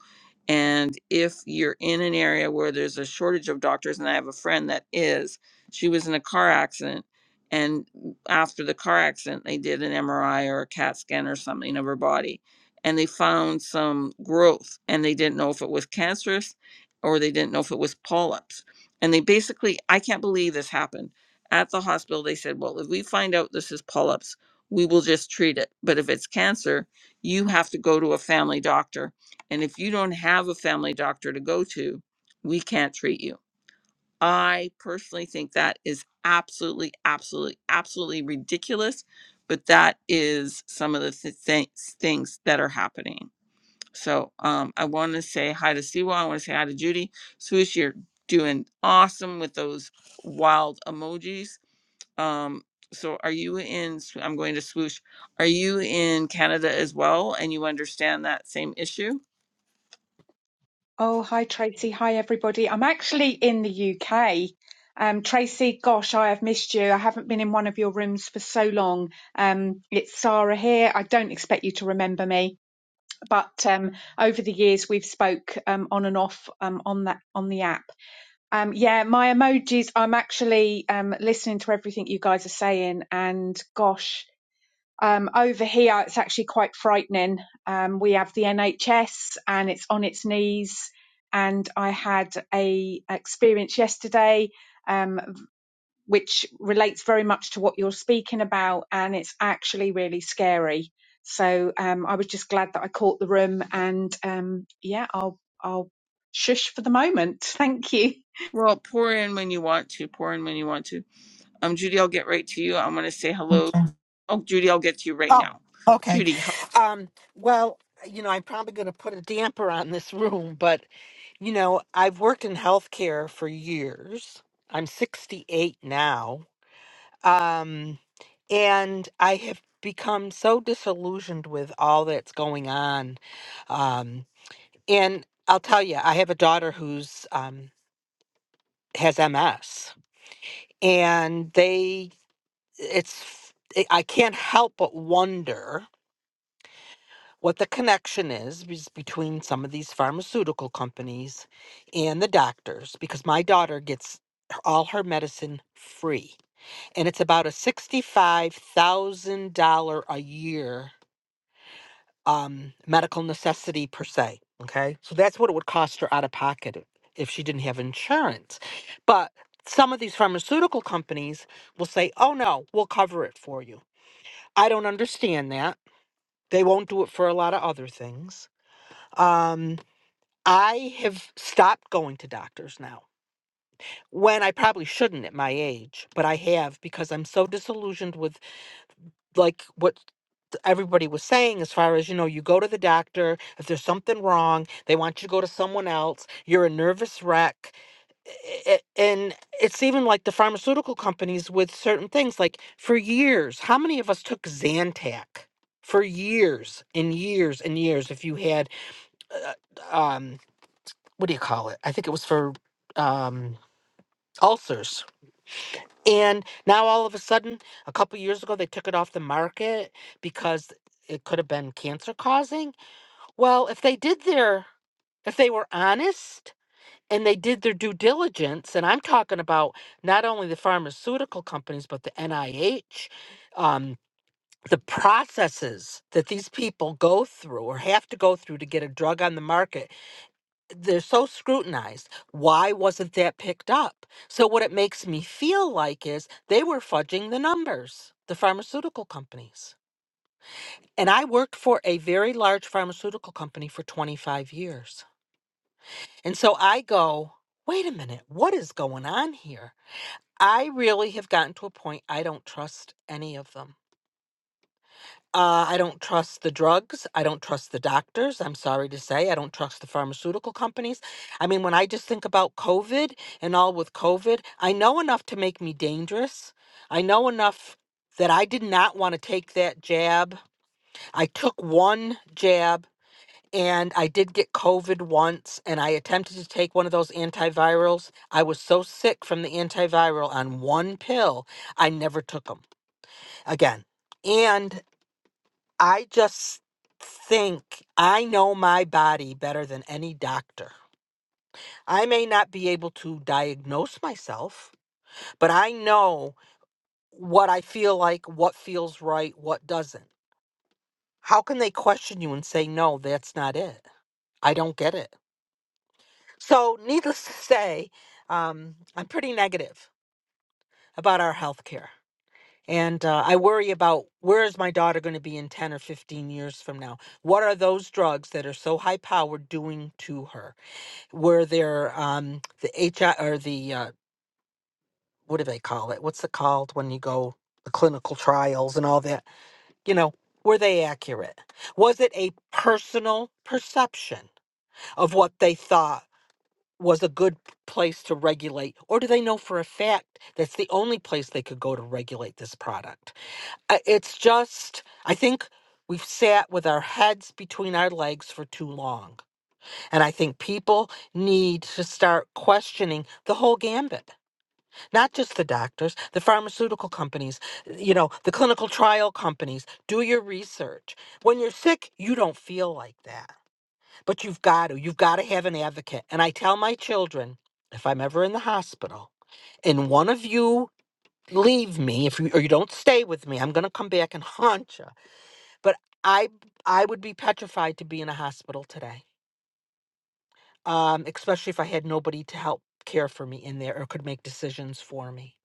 S1: And if you're in an area where there's a shortage of doctors, and I have a friend that is, she was in a car accident. And after the car accident, they did an MRI or a CAT scan or something of her body. And they found some growth, and they didn't know if it was cancerous or they didn't know if it was polyps. And they basically, I can't believe this happened. At the hospital, they said, Well, if we find out this is polyps, we will just treat it. But if it's cancer, you have to go to a family doctor. And if you don't have a family doctor to go to, we can't treat you. I personally think that is absolutely, absolutely, absolutely ridiculous. But that is some of the th- things things that are happening. So um, I want to say hi to Siwa. I want to say hi to Judy. Swoosh, you're doing awesome with those wild emojis. Um, so are you in, sw- I'm going to swoosh, are you in Canada as well? And you understand that same issue?
S5: Oh, hi Tracy. Hi everybody. I'm actually in the UK. Um, Tracy, gosh, I have missed you. I haven't been in one of your rooms for so long. Um, it's Sarah here. I don't expect you to remember me, but um, over the years we've spoke um, on and off um, on that on the app. Um, yeah, my emojis. I'm actually um, listening to everything you guys are saying, and gosh, um, over here, it's actually quite frightening. Um, we have the NHS and it's on its knees. And I had a experience yesterday, um, which relates very much to what you're speaking about, and it's actually really scary. So um, I was just glad that I caught the room, and um, yeah, I'll I'll shush for the moment. Thank you.
S1: Well, pour in when you want to, pour in when you want to. Um, Judy, I'll get right to you. I'm going to say hello.
S6: Okay.
S1: Oh, Judy, I'll get to you right
S6: Oh,
S1: now.
S6: okay.
S1: Judy.
S6: Um, well, you know, I'm probably going to put a damper on this room, but, you know, I've worked in healthcare for years. I'm 68 now. Um, and I have become so disillusioned with all that's going on. Um, and I'll tell you, I have a daughter who's um, has MS, and they, it's, I can't help but wonder what the connection is bes- between some of these pharmaceutical companies and the doctors because my daughter gets her- all her medicine free and it's about a $65,000 a year um, medical necessity per se okay so that's what it would cost her out of pocket if she didn't have insurance but some of these pharmaceutical companies will say oh no we'll cover it for you i don't understand that they won't do it for a lot of other things Um, I have stopped going to doctors now when I probably shouldn't at my age, but I have because I'm so disillusioned with like what everybody was saying as far as, you know, you go to the doctor, if there's something wrong, they want you to go to someone else, you're a nervous wreck. I- I- And it's even like the pharmaceutical companies with certain things. Like for years, how many of us took Zantac for years and years and years if you had? uh, um what do you call it? I think it was for um, ulcers. And now all of a sudden, a couple years ago, they took it off the market because it could have been cancer causing. Well, if they did their, if they were honest and they did their due diligence, and I'm talking about not only the pharmaceutical companies, but the NIH, um, the processes that these people go through or have to go through to get a drug on the market they're so scrutinized. Why wasn't that picked up? So what it makes me feel like is they were fudging the numbers, the pharmaceutical companies. And I worked for a very large pharmaceutical company for 25 years. And so I go, wait a minute, what is going on here? I really have gotten to a point I don't trust any of them. Uh, I don't trust the drugs. I don't trust the doctors. I'm sorry to say. I don't trust the pharmaceutical companies. I mean, when I just think about COVID and all with COVID, I know enough to make me dangerous. I know enough that I did not want to take that jab. I took one jab and I did get COVID once and I attempted to take one of those antivirals. I was so sick from the antiviral on one pill, I never took them again. And I just think I know my body better than any doctor. I may not be able to diagnose myself, but I know what I feel like, what feels right, what doesn't. How can they question you and say, no, that's not it? I don't get it. So, needless to say, um, I'm pretty negative about our health care. And uh, I worry about where is my daughter going to be in 10 or 15 years from now? What are those drugs that are so high powered doing to her? were there um the HI or the uh what do they call it? What's it called when you go the clinical trials and all that? You know, were they accurate? Was it a personal perception of what they thought was a good p- place to regulate or do they know for a fact that's the only place they could go to regulate this product? I- It's just I think we've sat with our heads between our legs for too long And I think people need to start questioning the whole gambit, not just the doctors, the pharmaceutical companies, you know, the clinical trial companies. Do your research. When you're sick, you don't feel like that, but you've got to. You've got to have an advocate. And I tell my children if I'm ever in the hospital and one of you leave me if you or you don't stay with me i'm going to come back and haunt you but i i would be petrified to be in a hospital today um, especially if I had nobody to help care for me in there or could make decisions for me.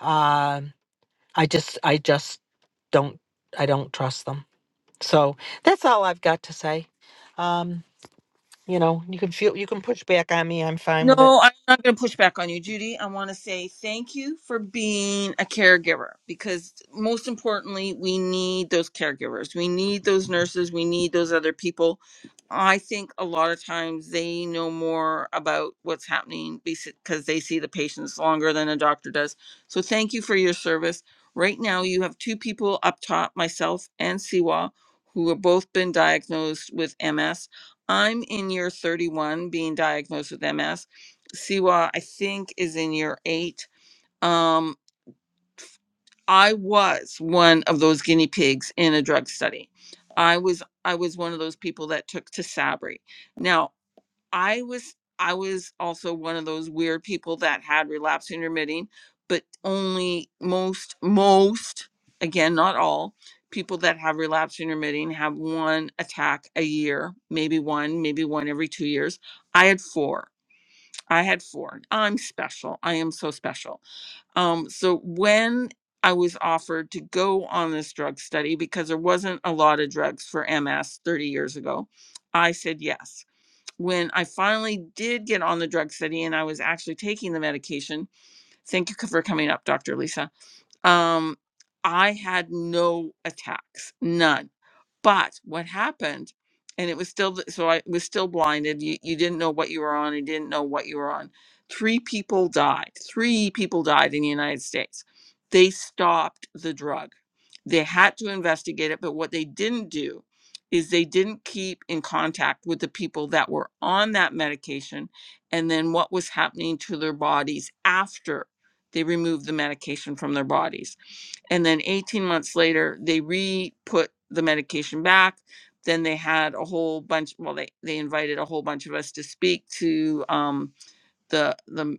S6: Um, I just, I just don't, I don't trust them. So that's all I've got to say. Um, you know, you can feel, you can push back on me. I'm fine with it.
S1: No, I'm not going to push back on you, Judy. I want to say thank you for being a caregiver because, most importantly, we need those caregivers. We need those nurses. We need those other people. I think a lot of times they know more about what's happening because they see the patients longer than a doctor does. So, thank you for your service. Right now, you have two people up top, myself and Siwa, who have both been diagnosed with MS. I'm in year 31 being diagnosed with MS. Siwa, I think, is in year eight. Um, I was one of those guinea pigs in a drug study. I was I was one of those people that took to Sabri. Now, I was I was also one of those weird people that had relapse intermitting, but only most most again, not all people that have relapse intermitting have one attack a year, maybe one, maybe one every two years. I had four. I had four. I'm special. I am so special. Um, so when I was offered to go on this drug study because there wasn't a lot of drugs for MS 30 years ago, I said yes. When I finally did get on the drug study and I was actually taking the medication, thank you for coming up, Dr. Lisa. Um, I had no attacks, none but what happened, and it was still th- so I was still blinded. You you didn't know what you were on. You didn't know what you were on. Three people died. Three people died in the United States. They stopped the drug. They had to investigate it, but what they didn't do is they didn't keep in contact with the people that were on that medication and then what was happening to their bodies after they removed the medication from their bodies and then 18 months later they re-put the medication back then they had a whole bunch well they they invited a whole bunch of us to speak to um, the the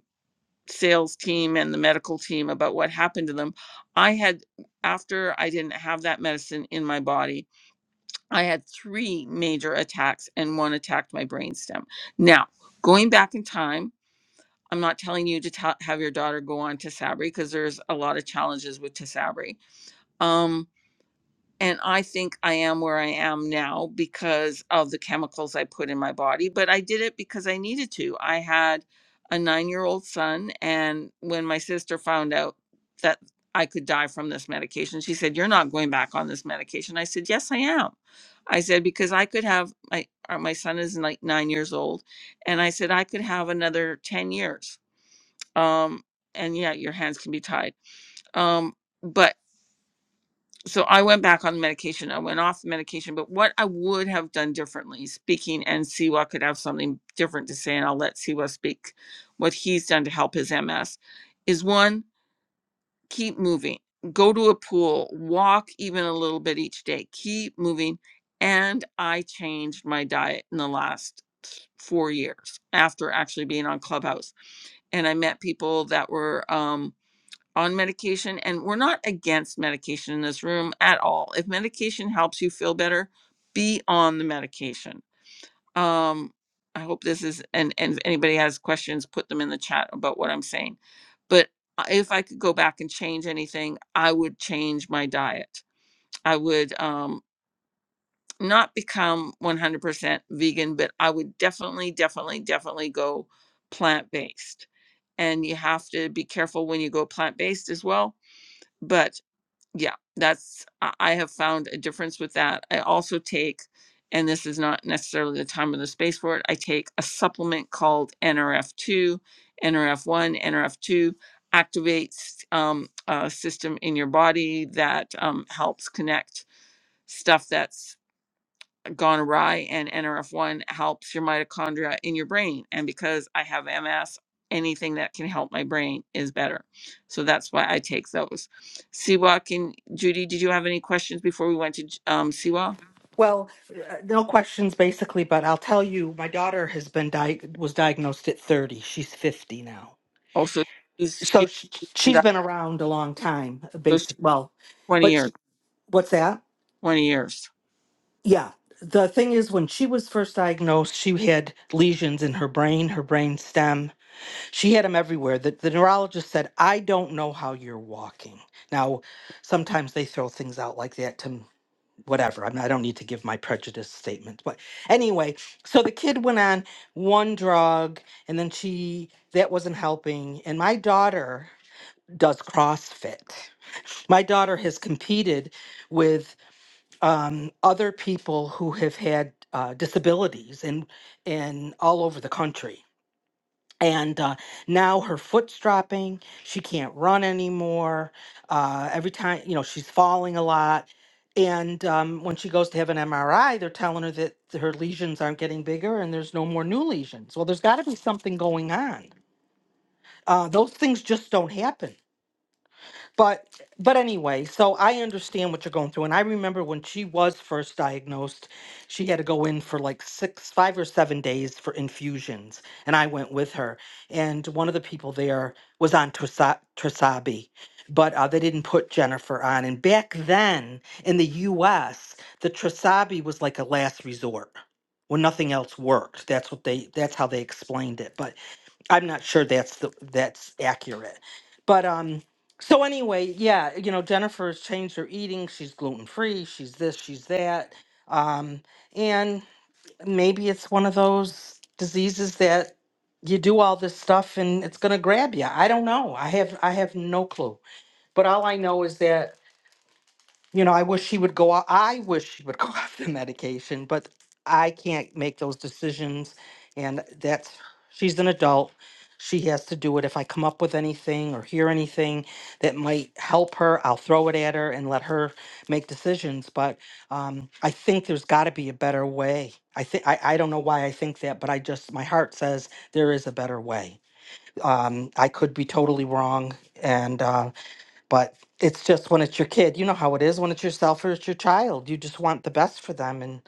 S1: sales team and the medical team about what happened to them i had after i didn't have that medicine in my body i had three major attacks and one attacked my brainstem now going back in time i'm not telling you to tell have your daughter go on to sabri because there's a lot of challenges with tesabri and I think I am where I am now because of the chemicals I put in my body. But I did it because I needed to. I had a nine year old son, and when my sister found out that I could die from this medication, she said, You're not going back on this medication. I said, Yes, I am. I said, Because I could have my, uh, my son is like nine years old, and I said, I could have another 10 years. Um, and yeah, your hands can be tied. Um, but so I went back on medication. I went off the medication, but what I would have done differently, speaking and Siwa could have something different to say, and I'll let Siwa speak what he's done to help his MS, is one, keep moving, go to a pool, walk even a little bit each day, keep moving. And I changed my diet in the last four years after actually being on Clubhouse and I met people that were um, on medication and we're not against medication in this room at all if medication helps you feel better be on the medication um i hope this is and and if anybody has questions put them in the chat about what i'm saying but I- if i could go back and change anything i would change my diet i would um not become 100% vegan but i would definitely definitely definitely go plant-based and you have to be careful when you go plant-based as well but yeah that's i I have found a difference with that i also take and this is not necessarily the time or the space for it i take a supplement called nrf2 nrf1 nrf2 activates um, a system in your body that um, helps connect stuff that's gone awry and NRF1 helps your mitochondria in your brain. And because I have MS, anything that can help my brain is better. So that's why I take those. Siwa, can Judy, did you have any questions before we went to J- um, Siwa?
S6: Well, uh, no questions basically, but I'll tell you, my daughter has been di- was diagnosed at 30. She's 50 now.
S1: Also, she's,
S6: So
S1: she's,
S6: she,
S1: been
S6: she's
S1: diag-
S6: been around a long time,
S1: so she's
S6: basic. Well,
S1: 20
S6: but
S1: years,
S6: she, what's that?
S1: 20 years.
S6: Yeah. The thing is, when she was first diagnosed, she had lesions in her brain, her brain stem. She had him everywhere. The, the neurologist said, I don't know how you're walking. Now, sometimes they throw things out like that to whatever. I, mean, I don't need to give my prejudice statement. But anyway, so the kid went on one drug and then she, that wasn't helping. And my daughter does CrossFit. My daughter has competed with um, other people who have had uh, disabilities and and all over the country and uh, now her foot's dropping she can't run anymore uh, every time you know she's falling a lot and um, when she goes to have an mri they're telling her that her lesions aren't getting bigger and there's no more new lesions well there's got to be something going on uh, those things just don't happen but but anyway, so I understand what you're going through. And I remember when she was first diagnosed, she had to go in for like six, five or seven days for infusions. And I went with her. And one of the people there was on Trasa- Trasabi, but uh, they didn't put Jennifer on. And back then in the US, the Trasabi was like a last resort. When nothing else worked, that's what they—that's how they explained it. But I'm not sure that's the that's accurate. But um so anyway, yeah, you know, Jennifer's changed her eating. She's gluten free, she's this, she's that. Um and maybe it's one of those diseases that you do all this stuff and it's going to grab you. I don't know. I have I have no clue. But all I know is that you know, I wish she would go off. I wish she would go off the medication, but I can't make those decisions. And that's, she's an adult. She has to do it. If I come up with anything or hear anything that might help her, I'll throw it at her and let her make decisions. But um, I think there's got to be a better way. I think I I don't know why I think that, but I just my heart says there is a better way. Um, I could be totally wrong, and uh, but it's just when it's your kid, you know how it is when it's yourself or it's your child. You just want the best for them. And,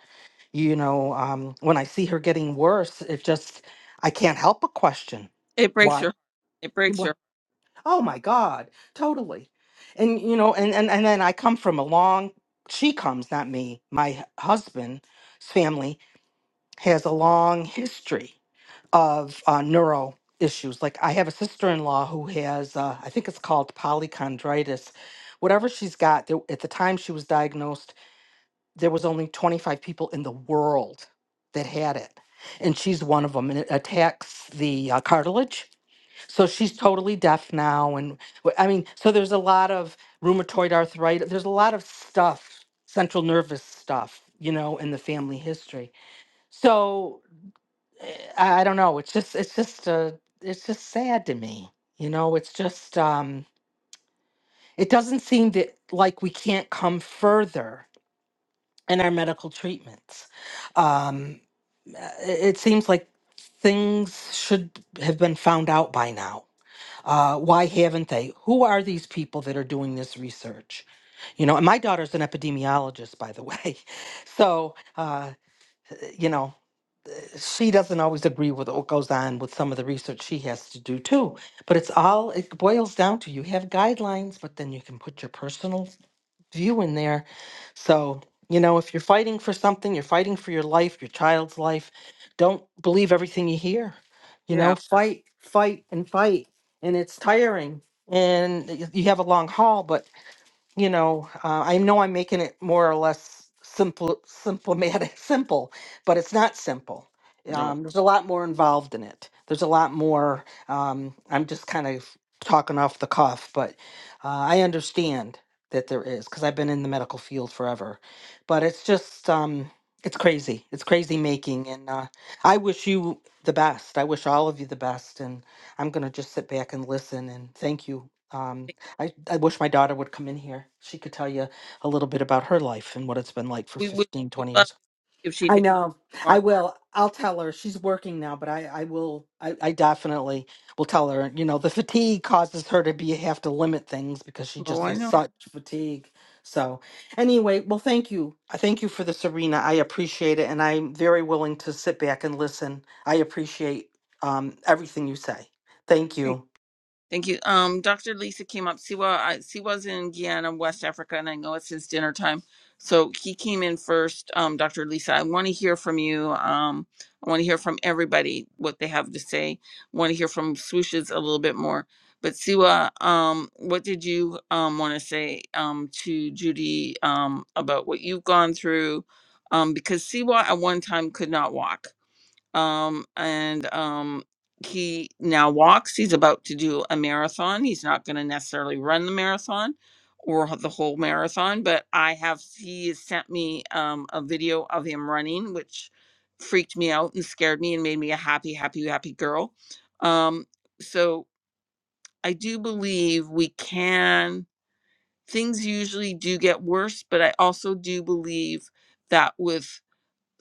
S6: you know, um, when I see her getting worse, it just, I can't help but question
S1: It breaks
S6: why.
S1: your. It breaks
S6: why-
S1: your.
S6: Oh my God, totally. And, you know, and, and, and then I come from a long, she comes, not me, my husband's family has a long history of uh, neuro issues. Like I have a sister-in-law who has, uh, I think it's called polychondritis. Whatever she's got, there, at the time she was diagnosed, there was only 25 people in the world that had it, and she's one of them. And it attacks the uh, cartilage, so she's totally deaf now. And wh- I mean, so there's a lot of rheumatoid arthritis. There's a lot of stuff, central nervous stuff, you know, in the family history. So I I don't know. It's just it's just uh it's just sad to me. You know, it's just um it doesn't seem that like we can't come further in our medical treatments. Um uh, it, it seems like things should have been found out by now. Uh why haven't they? Who are these people that are doing this research? You know, and my daughter's an epidemiologist by the way. So, uh you know, she doesn't always agree with what goes on with some of the research she has to do too. But it's all, it boils down to you have guidelines, but then you can put your personal view in there. So, you know, if you're fighting for something, you're fighting for your life, your child's life, don't believe everything you hear. You know,
S1: Yeah.
S6: fight, fight, and fight. And it's tiring. And y- you have a long haul, but you know, uh, I know I'm making it more or less simple, simplematic, simple, but it's not simple.
S1: No.
S6: Um, there's a lot more involved in it. There's a lot more. Um, I'm just kind of talking off the cuff, but uh, I understand that there is because I've been in the medical field forever. But it's just, um, it's crazy. It's crazy making, and uh, I wish you the best. I wish all of you the best, and I'm gonna just sit back and listen and thank you. Um, I, I wish my daughter would come in here. She could tell you a little bit about her life and what it's been like for
S1: We would
S6: 15,
S1: would
S6: 20
S1: love
S6: years.
S1: if she
S6: I
S1: did.
S6: know. I
S1: Bueno.
S6: will. I'll tell her. She's working now, but I, I will. I, I definitely will tell her. You know, the fatigue causes her to be have to limit things because she just has
S1: Bueno.
S6: such fatigue. So, anyway, well, thank you. I thank you for the Serena. I appreciate it. And I'm very willing to sit back and listen. I appreciate um, everything you say. Thank you.
S1: Thank you. Um, Dr. Lisa came up. Siwa, I, Siwa's in Guyana, West Africa, and I know it's his dinner time. So he came in first. Um, Dr. Lisa, I want to hear from you. Um, I want to hear from everybody what they have to say. want to hear from swooshes a little bit more. But Siwa, um, what did you um, want to say um, to Judy um, about what you've gone through? Um, because Siwa at one time could not walk um, and um, he now walks. He's about to do a marathon. He's not going to necessarily run the marathon or h- the whole marathon, but I have he has sent me um, a video of him running, which freaked me out and scared me and made me a happy, happy, happy girl. Um, so I do believe we can. Things usually do get worse, but I also do believe that with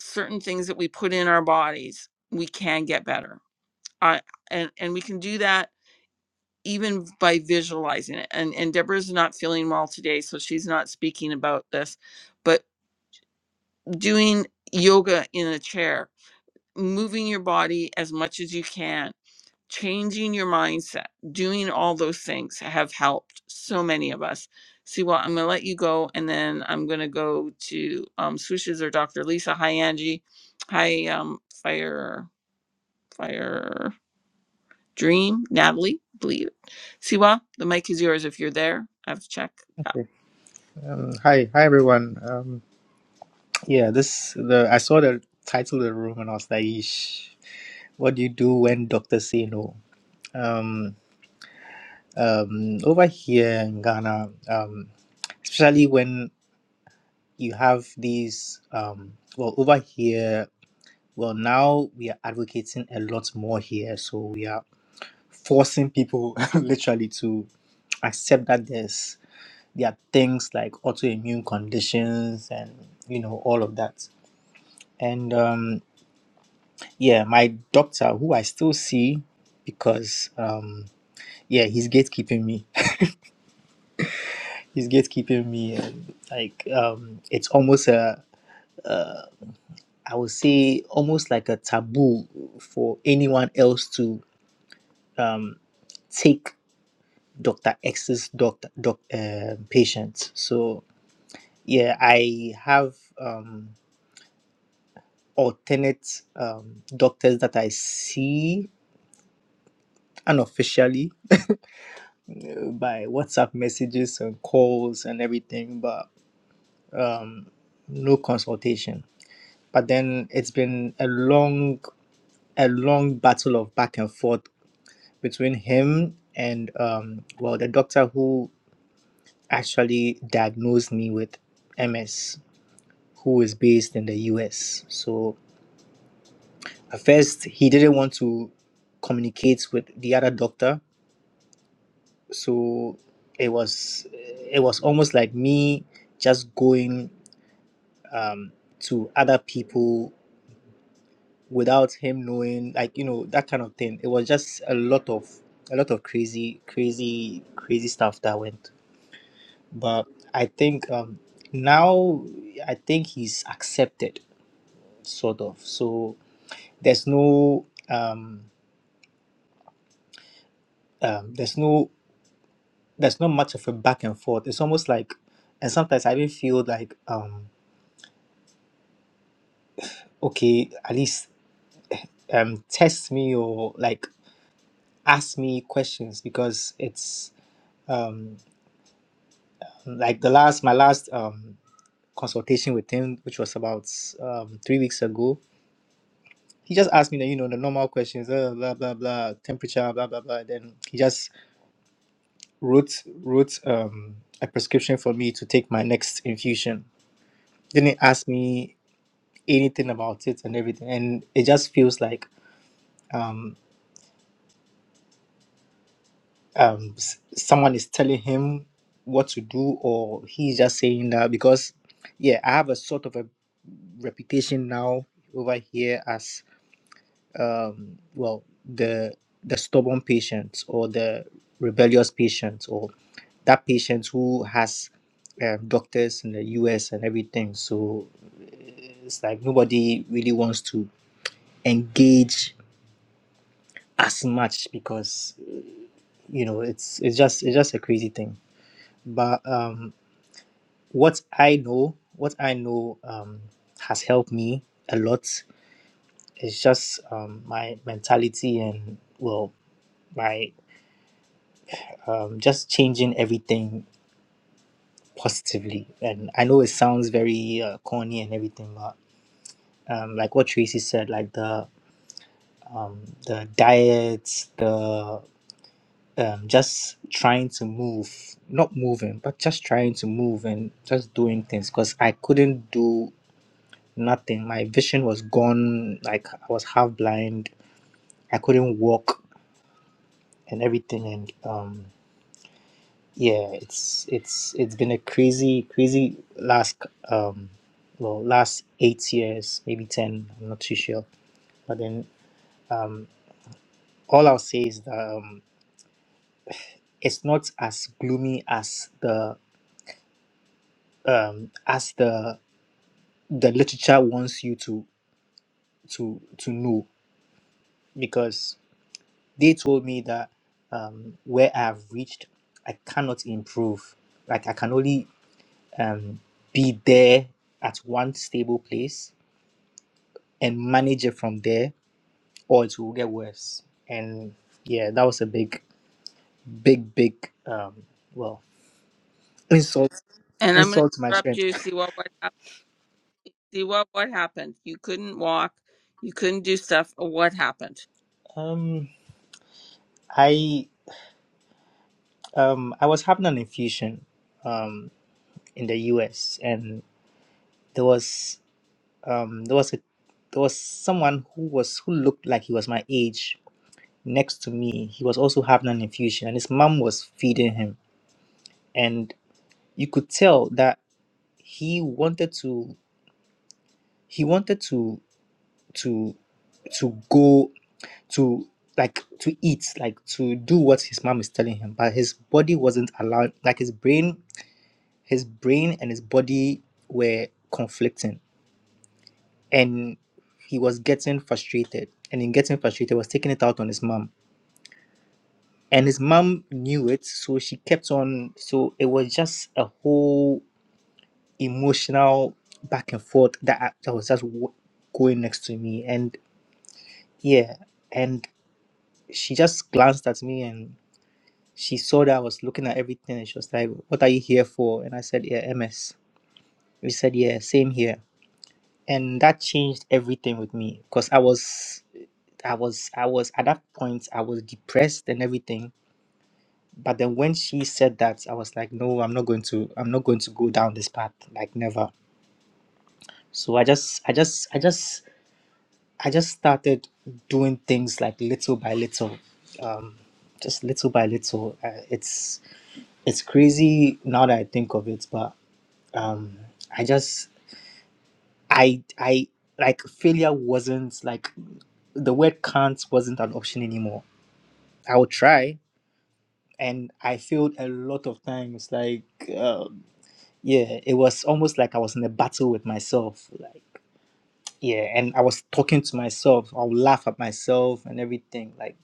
S1: certain things that we put in our bodies, we can get better I and and we can do that even by visualizing it. And and Deborah's not feeling well today, so she's not speaking about this, but doing yoga in a chair, moving your body as much as you can, changing your mindset, doing all those things have helped so many of us. See, well, I'm gonna let you go, and then I'm gonna go to um, swooshes or Dr. Lisa. Hi, Angie. Hi, um, fire, fire. Dream, Natalie, believe it. Siwa, the mic is yours if you're there. I have to check. Yeah.
S7: Okay. Um, hi, hi everyone. Um, yeah, this the I saw the title of the room and I was like, "Yeesh, what do you do when doctors say no?" Um, um, over here in Ghana, um, especially when you have these, um, well, over here, well, now we are advocating a lot more here, so we are forcing people literally to accept that there's there are things like autoimmune conditions and you know all of that and um yeah my doctor who i still see because um yeah he's gatekeeping me he's gatekeeping me and like um it's almost a uh i would say almost like a taboo for anyone else to um take dr x's doctor doc, uh, patients so yeah i have um alternate um doctors that i see unofficially by WhatsApp messages and calls and everything, but um, no consultation. But then it's been a long, a long battle of back and forth between him and um, well, the doctor who actually diagnosed me with MS, who is based in the US. So at first he didn't want to communicate with the other doctor, so it was it was almost like me just going um, to other people without him knowing, like you know that kind of thing. It was just a lot of a lot of crazy, crazy, crazy stuff that went. But I think um, now I think he's accepted, sort of. So there's no um, um, there's no there's not much of a back and forth. It's almost like, and sometimes I even feel like um, okay, at least um, test me or like ask me questions because it's um, like the last my last um, consultation with him, which was about um, three weeks ago. He just asked me the you know the normal questions, uh, blah blah blah, temperature, blah blah blah. Then he just wrote wrote um, a prescription for me to take my next infusion. Didn't ask me anything about it and everything, and it just feels like. Um, um s- someone is telling him what to do or he's just saying that because yeah i have a sort of a reputation now over here as um well the the stubborn patient or the rebellious patient or that patient who has um, doctors in the us and everything so it's like nobody really wants to engage as much because you know it's it's just it's just a crazy thing but um, what I know, what I know um, has helped me a lot is just um, my mentality and well, my um, just changing everything positively. And I know it sounds very uh, corny and everything, but um, like what Tracy said, like the um, the diets, the um, just trying to move, not moving, but just trying to move and just doing things because I couldn't do nothing. My vision was gone. Like I was half blind. I couldn't walk and everything. And um, yeah, it's it's it's been a crazy crazy last um, well last eight years, maybe ten. I'm not too sure. But then um, all I'll say is that um, it's not as gloomy as the um, as the the literature wants you to to to know because they told me that um, where I've reached, I cannot improve. Like I can only um, be there at one stable place and manage it from there, or it will get worse. And yeah, that was a big, big, big, um, well, insult,
S1: And I'm going to
S7: insult to my
S1: interrupt
S7: strength.
S1: you. Siwa. what happened? Siwa, what happened. You couldn't walk. You couldn't do stuff. What happened?
S7: Um, I um, I was having an infusion um, in the U.S. and there was. um, there was a there was someone who was who looked like he was my age next to me. He was also having an infusion, and his mom was feeding him, and you could tell that he wanted to he wanted to to to go to like to eat like to do what his mom is telling him but his body wasn't allowed like his brain his brain and his body were conflicting and he was getting frustrated and in getting frustrated was taking it out on his mom and his mom knew it so she kept on so it was just a whole emotional back and forth that I- that was just w- going next to me and yeah and she just glanced at me and she saw that I was looking at everything and she was like what are you here for and I said yeah MS we said yeah same here and that changed everything with me because i was i was i was at that point i was depressed and everything but then when she said that i was like no i'm not going to i'm not going to go down this path like never so i just i just i just i just started doing things like little by little um just little by little uh, it's it's crazy now that i think of it but um i just i i like failure wasn't like the word can't wasn't an option anymore. I would try, and I failed a lot of times. Like, um, yeah, it was almost like I was in a battle with myself. Like, yeah, and I was talking to myself. I would laugh at myself and everything. Like,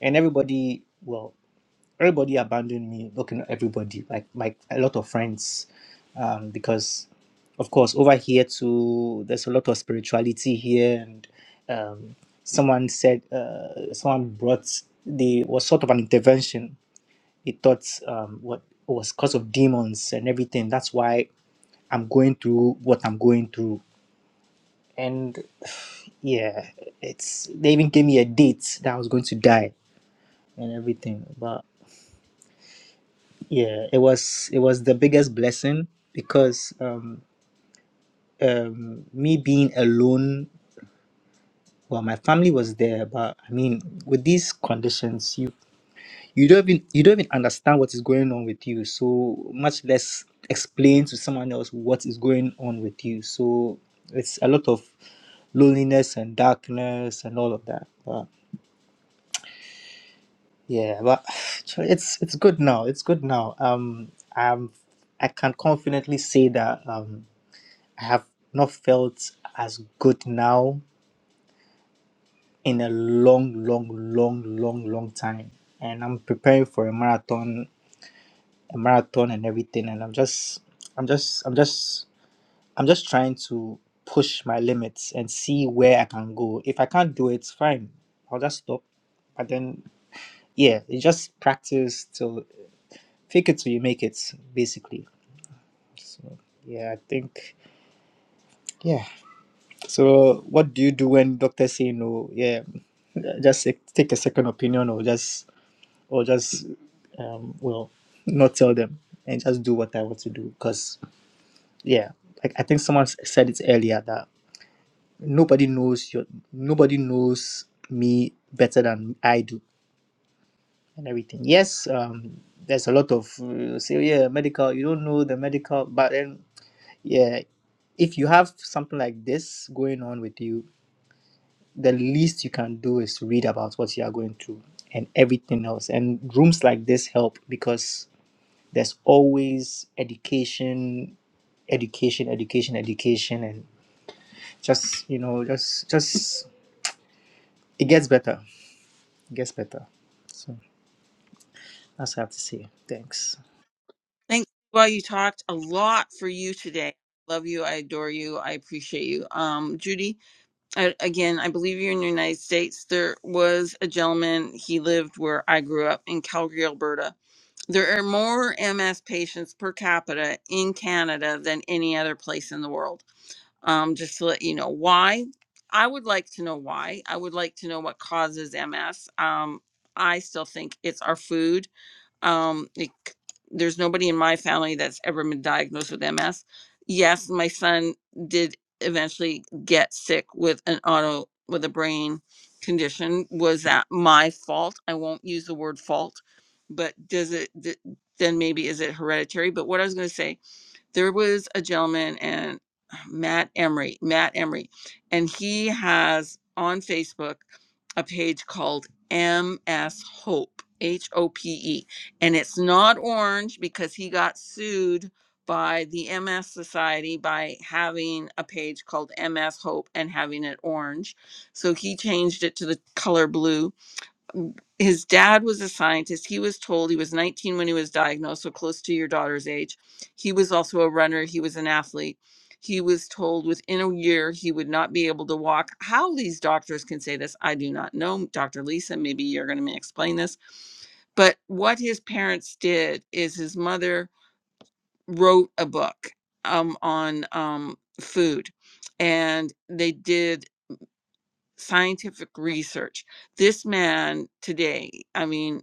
S7: and everybody. Well, everybody abandoned me Looking at everybody like my a lot of friends um because of course over here too there's a lot of spirituality here and um someone said uh someone brought the was sort of an intervention he thought um what was cause of demons and everything that's why i'm going through what i'm going through and yeah it's they even gave me a date that i was going to die and everything but. yeah it was it was the biggest blessing because um um me being alone well my family was there but i mean with these conditions you you don't even you don't even understand what is going on with you so much less explain to someone else what is going on with you so it's a lot of loneliness and darkness and all of that but yeah but it's it's good now it's good now um i'm i can confidently say that Um, I have not felt as good now in a long, long, long, long, long time. And I'm preparing for a marathon, a marathon and everything. And I'm just, I'm just, I'm just, I'm just trying to push my limits and see where I can go. If I can't do it, fine. I'll just stop. But then, yeah, it's just practice till fake it till you make it, basically. So, yeah, I think, yeah. So, what do you do when doctors say no? Yeah, just sec- take a second opinion, or just or just um, well, not tell them and just do what I want to do. Cause yeah, like I think someone s- said it earlier that nobody knows your nobody knows me better than I do and everything. Yes, um, there's a lot of uh, say "Oh, yeah medical. You don't know the medical, but then yeah, if you have something like this going on with you the least you can do is read about what you are going through and everything else. And rooms like this help because there's always education, education, education, education, and just you know, just just it gets better. It gets better. So that's what I have to say. Thanks.
S1: Thanks. Siwa. you talked a lot for you today. Love you. I adore you. I appreciate you. Um, Judy, I, again, I believe you're in the United States. There was a gentleman. He lived where I grew up in Calgary, Alberta There are more MS patients per capita in Canada than any other place in the world. Um, just to let you know why. I would like to know why. I would like to know what causes MS. Um, I still think it's our food um, it, c- there's nobody in my family that's ever been diagnosed with MS. Yes, my son did eventually get sick with an auto with a brain condition. Was that my fault? I won't use the word fault, but does it th- then maybe is it hereditary? But what I was going to say there was a gentleman and Matt Emery, Matt Emery, and he has on Facebook a page called MS Hope, H O P E. And it's not orange because he got sued by the MS Society by having a page called MS Hope and having it orange. So he changed it to the color blue his dad was a scientist. He was told he was 19 when he was diagnosed, so close to your daughter's age. He was also a runner, he was an athlete. He was told within a year he would not be able to walk. How these doctors can say this, I do not know. Dr. Lisa, maybe you're going to explain this. But what his parents did is his mother wrote a book um, on um, food, and they did scientific research. This man today, I mean,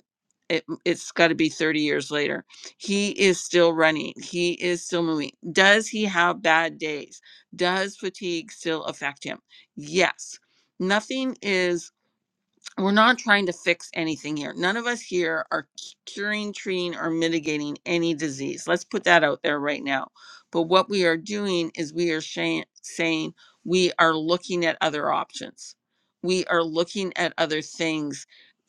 S1: it, it's got to be 30 years later. He is still running. He is still moving. Does he have bad days? Does fatigue still affect him? Yes. Nothing is we're not trying to fix anything here. None of us here are curing, treating, or mitigating any disease. Let's put that out there right now. But what we are doing is we are shan- saying we are looking at other options. We are looking at other things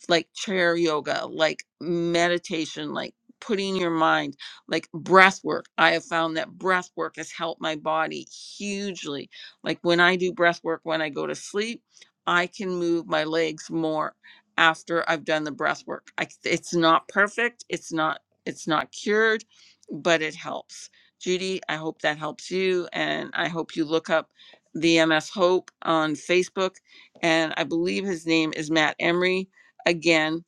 S1: like chair yoga, like meditation, like putting your mind, like breath work. I have found that breath work has helped my body hugely. Like when I do breath work when I go to sleep, I can move my legs more after I've done the breath work. I, it's not perfect. It's not it's not cured, but it helps. Judy, I hope that helps you, and I hope you look up the MS Hope on Facebook. And I believe his name is Matt Emery. Again,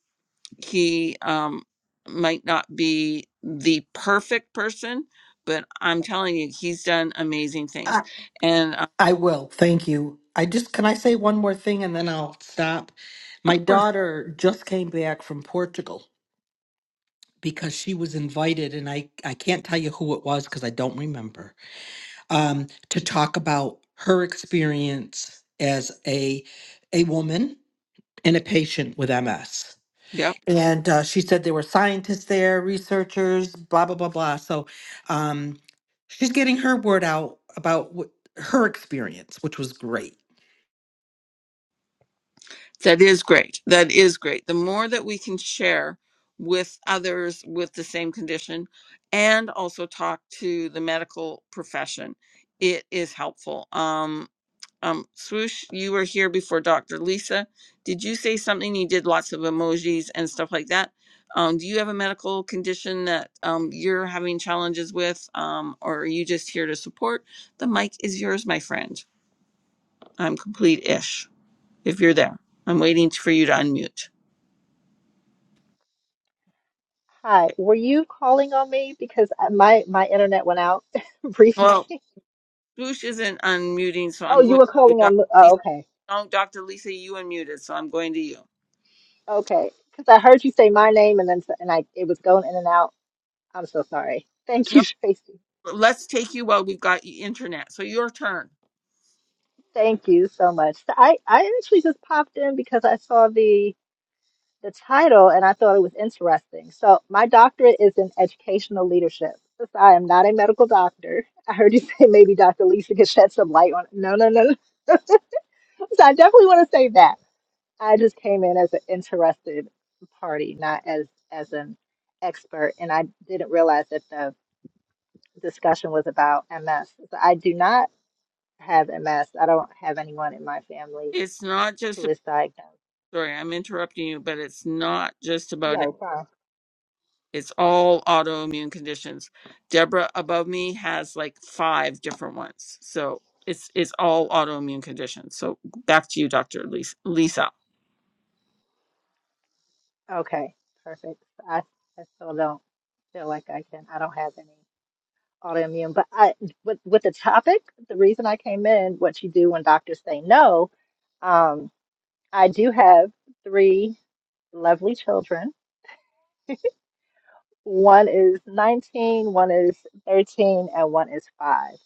S1: he um, might not be the perfect person, but I'm telling you, he's done amazing things. And uh,
S6: I will. Thank you. I just can I say one more thing and then I'll stop.
S1: of
S6: My
S1: course,
S6: daughter just came back from Portugal because she was invited, and I I can't tell you who it was because I don't remember. Um, to talk about her experience as a a woman and a patient with MS.
S1: yep.
S6: And uh, she said there were scientists there, researchers, blah blah blah blah. So, um, she's getting her word out about what, her experience, which was great.
S1: That is great. That is great. The more that we can share with others with the same condition and also talk to the medical profession, it is helpful. Um, um, Swoosh, you were here before Dr. Lisa. Did you say something? You did lots of emojis and stuff like that. Um, do you have a medical condition that um, you're having challenges with, um, or are you just here to support? The mic is yours, my friend. I'm complete ish. If you're there, I'm waiting for you to unmute.
S8: Hi,
S1: Okay.
S8: were you calling on me? Because I- my my internet went out briefly.
S1: Well, Boosh isn't unmuting, so
S8: Oh,
S1: I'm
S8: you
S1: going
S8: were
S1: to
S8: calling
S1: Dr.
S8: on me.
S1: Lisa.
S8: Oh, okay.
S1: No, Dr. Lisa, you unmuted, so I'm going to you.
S8: Okay. Because I heard you say my name and then s- and I it was going in and out. I'm so sorry. Thank
S1: No,
S8: you, Tracy.
S1: let's take you while we've got you internet. So your turn.
S8: Thank you so much. So I I actually just popped in because I saw the the title and I thought it was interesting. So my doctorate is in educational leadership. Since I am not a medical doctor. I heard you say maybe Dr. Lisa could shed some light on it. No, no, no, no. So I definitely want to say that. I just came in as an interested party, not as as an expert, and I didn't realize that the discussion was about MS. So I do not have MS. I don't have anyone in my family
S1: It's not just
S8: who
S1: about,
S8: is diagnosed.
S1: sorry, I'm interrupting you, but it's not just about
S8: Yeah, it's fine.
S1: It's all autoimmune conditions. Deborah above me has like five different ones. So it's it's all autoimmune conditions. So back to you, Dr. Lis- Lisa.
S8: Okay, perfect. I I still don't feel like I can. I don't have any autoimmune, but I with with the topic, the reason I came in, what you do when doctors say no, um, I do have three lovely children One is nineteen, one is 13, and one is five.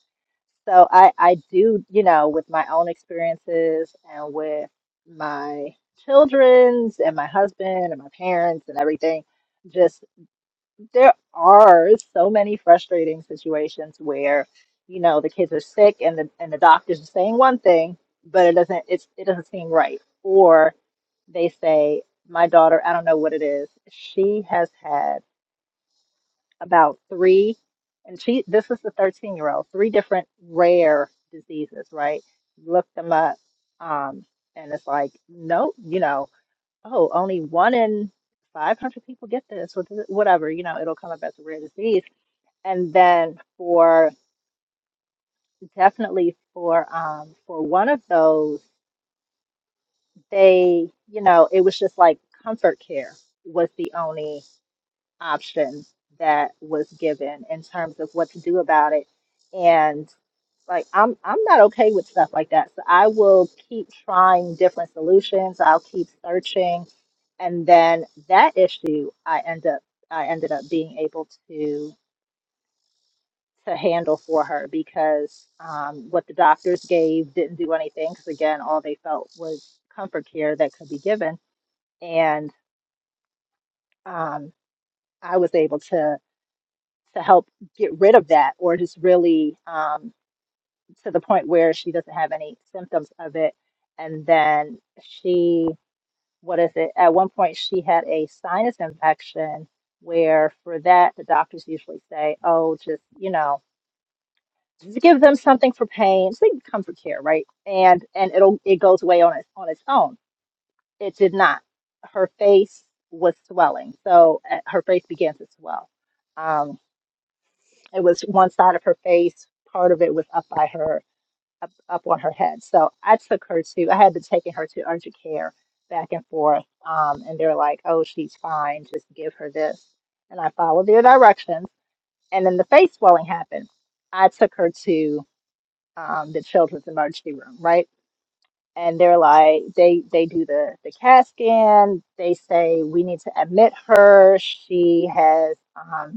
S8: So I, I do, you know, with my own experiences and with my children's and my husband and my parents and everything, just there are so many frustrating situations where, you know, the kids are sick and the and the doctors are saying one thing, but it doesn't it's it doesn't seem right. Or they say, my daughter, I don't know what it is, she has had about three, and she this is the 13 year old, three different rare diseases, right? Look them up. Um, and it's like, nope, you know, oh, only one in 500 people get this, or th- whatever, you know, it'll come up as a rare disease. And then for definitely for um for one of those, they, you know, it was just like comfort care was the only option that was given in terms of what to do about it and. Like I'm I'm not okay with stuff like that. So I will keep trying different solutions. I'll keep searching. And then that issue I end up I ended up being able to to handle for her because um, what the doctors gave didn't do anything because again all they felt was comfort care that could be given. And um, I was able to to help get rid of that or just really um, to the point where she doesn't have any symptoms of it. And then she, what is it? At one point, she had a sinus infection where for that, the doctors usually say, oh, just, you know, just give them something for pain. It's like comfort care, right? And and it'll it goes away on its on its own. It did not. Her face was swelling, so uh, her face began to swell. Um, it was one side of her face. Part of it was up by her up, up on her head. So I took her to, I had been taking her to urgent care back and forth. Um, and they're like, oh, she's fine. Just give her this. And I followed their directions. And then the face swelling happened. I took her to um, the children's emergency room, right? And they're like, they they do the the CAT scan. They say we need to admit her. She has um,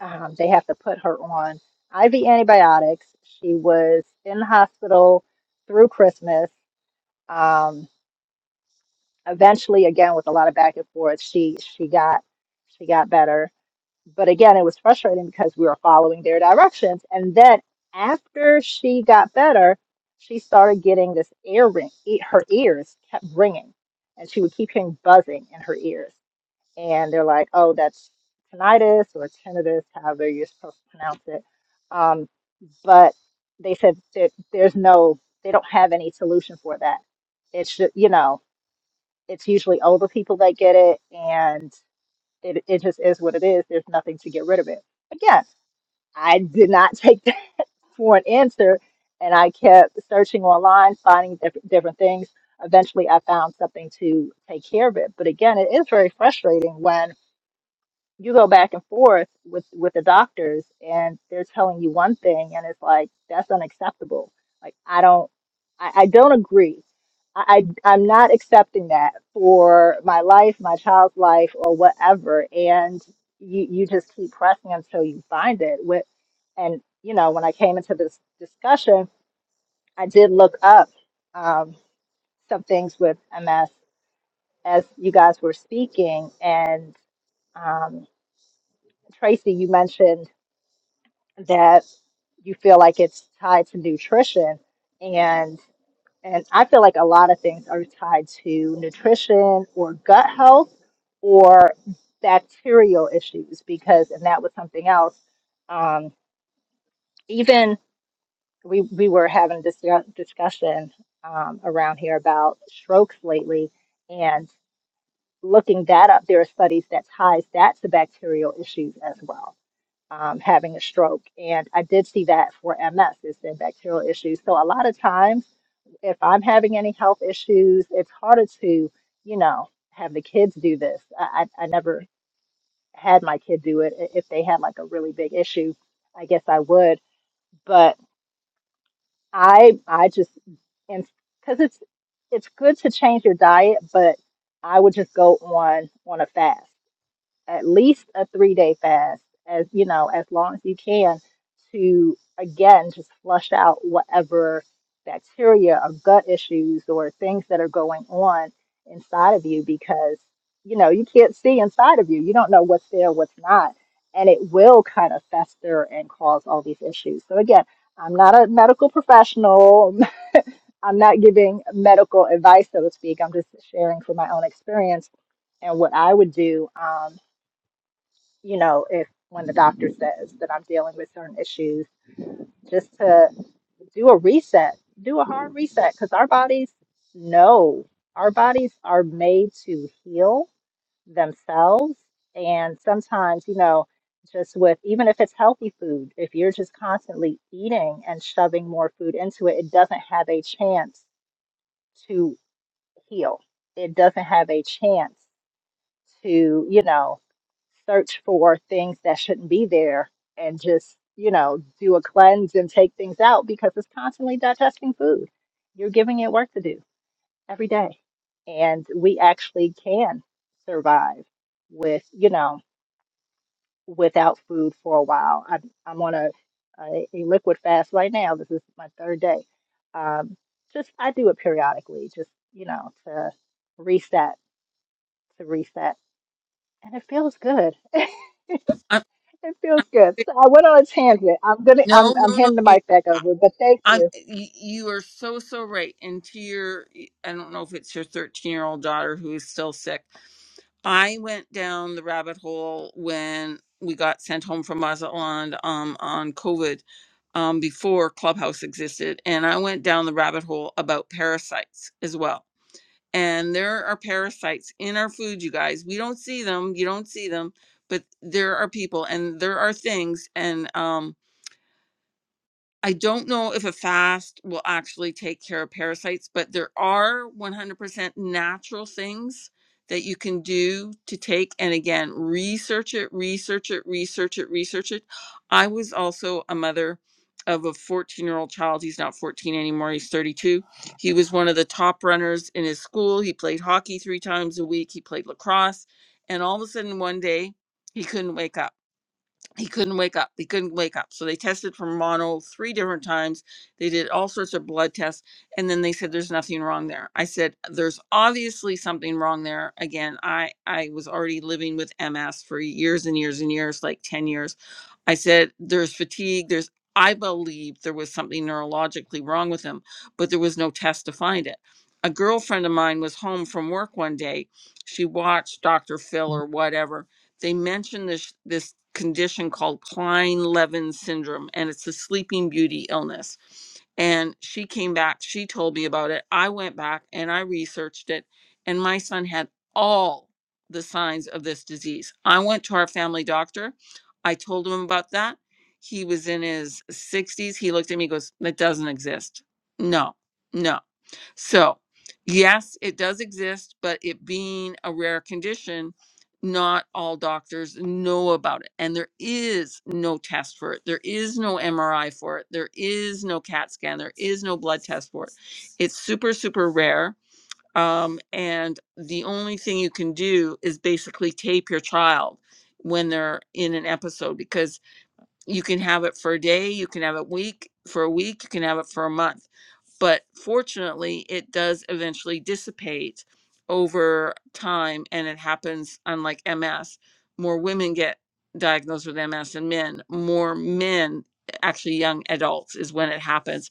S8: um, they have to put her on IV antibiotics. She was in the hospital through Christmas. Um, eventually, again with a lot of back and forth, she she got she got better. But again, it was frustrating because we were following their directions. And then after she got better, she started getting this ear ring. e- Her ears kept ringing, and she would keep hearing buzzing in her ears and they're like, oh, that's tinnitus or tinnitus, however you're supposed to pronounce it. Um, but they said that there's no, they don't have any solution for that. It should, you know, it's usually older people that get it, and it, it just is what it is. There's nothing to get rid of it. Again, I did not take that for an answer, and I kept searching online, finding different different things. Eventually, I found something to take care of it. But again, it is very frustrating when you go back and forth with with the doctors and they're telling you one thing and it's like that's unacceptable like i don't i, I don't agree I, I i'm not accepting that for my life my child's life or whatever and you you just keep pressing until you find it with and you know when i came into this discussion i did look up um, some things with ms as you guys were speaking and um, tracy you mentioned that you feel like it's tied to nutrition and and I feel like a lot of things are tied to nutrition or gut health or bacterial issues because and that was something else um, even we we were having a discuss, discussion um, around here about strokes lately and looking that up there are studies that ties that to bacterial issues as well um, having a stroke. And I did see that for MS, it's been bacterial issues. So a lot of times, if I'm having any health issues, it's harder to, you know, have the kids do this. I, I, I never had my kid do it. I- If they had like a really big issue, I guess I would. But I, I just, and because it's, it's good to change your diet, but I would just go on on a fast at least a three day fast as you know as long as you can to again just flush out whatever bacteria or gut issues or things that are going on inside of you because you know you can't see inside of you you don't know what's there what's not and it will kind of fester and cause all these issues so again i'm not a medical professional i'm not giving medical advice so to speak i'm just sharing from my own experience and what I would do. Um, you know, if when the doctor says that I'm dealing with certain issues, just to do a reset, do a hard reset, because our bodies know our bodies are made to heal themselves. And sometimes, you know, just with even if it's healthy food, if you're just constantly eating and shoving more food into it, it doesn't have a chance to heal. It doesn't have a chance to, you know, search for things that shouldn't be there and just, you know, do a cleanse and take things out because it's constantly digesting food. You're giving it work to do every day. And we actually can survive with, you know, without food for a while. I, I'm on a, a, a liquid fast right now. This is my third day. Um, just, I do it periodically, just, you know, to reset, to reset. And it feels good.
S1: I,
S8: It feels good. So I went on a tangent. I'm gonna
S1: no,
S8: I'm I'm
S1: no, no.
S8: handing the
S1: You,
S8: mic back
S1: I,
S8: over, but thank
S1: I'm-
S8: you.
S1: you, you are so, so right. And to your, I don't know if it's your 13 year old daughter who is still sick. I went down the rabbit hole when we got sent home from Mazatlan um, on COVID um, before Clubhouse existed. And I went down the rabbit hole about parasites as well. and there are parasites in our food you guys we don't see them you don't see them but there are people and there are things and um I don't know if a fast will actually take care of parasites, but there are 100% natural things that you can do to take. And again, research it, research it, research it, research it. I was also a mother of a 14 year old child. He's not 14 anymore, he's 32. He was one of the top runners in his school. He played hockey three times a week, he played lacrosse. And all of a sudden, one day, he couldn't wake up he couldn't wake up. He couldn't wake up. So they tested for mono three different times. They did all sorts of blood tests. And then they said, there's nothing wrong there. I said, there's obviously something wrong there. Again, I, I was already living with MS for years and years and years, like 10 years. I said, there's fatigue. There's, I believe there was something neurologically wrong with him, but there was no test to find it. A girlfriend of mine was home from work one day. She watched Dr. Phil or whatever they mention this this condition called Klein-Levin syndrome and it's a sleeping beauty illness. And she came back, she told me about it. I went back and I researched it and my son had all the signs of this disease. I went to our family doctor. I told him about that. He was in his 60s. He looked at me goes, "That doesn't exist." No. No. So, yes, it does exist, but it being a rare condition, not all doctors know about it. And there is no test for it. There is no MRI for it. There is no CAT scan. There is no blood test for it. It's super, super rare. Um, and the only thing you can do is basically tape your child when they're in an episode because you can have it for a day, you can have it week for a week, you can have it for a month but fortunately it does eventually dissipate over time and it happens unlike ms more women get diagnosed with ms than men more men actually young adults is when it happens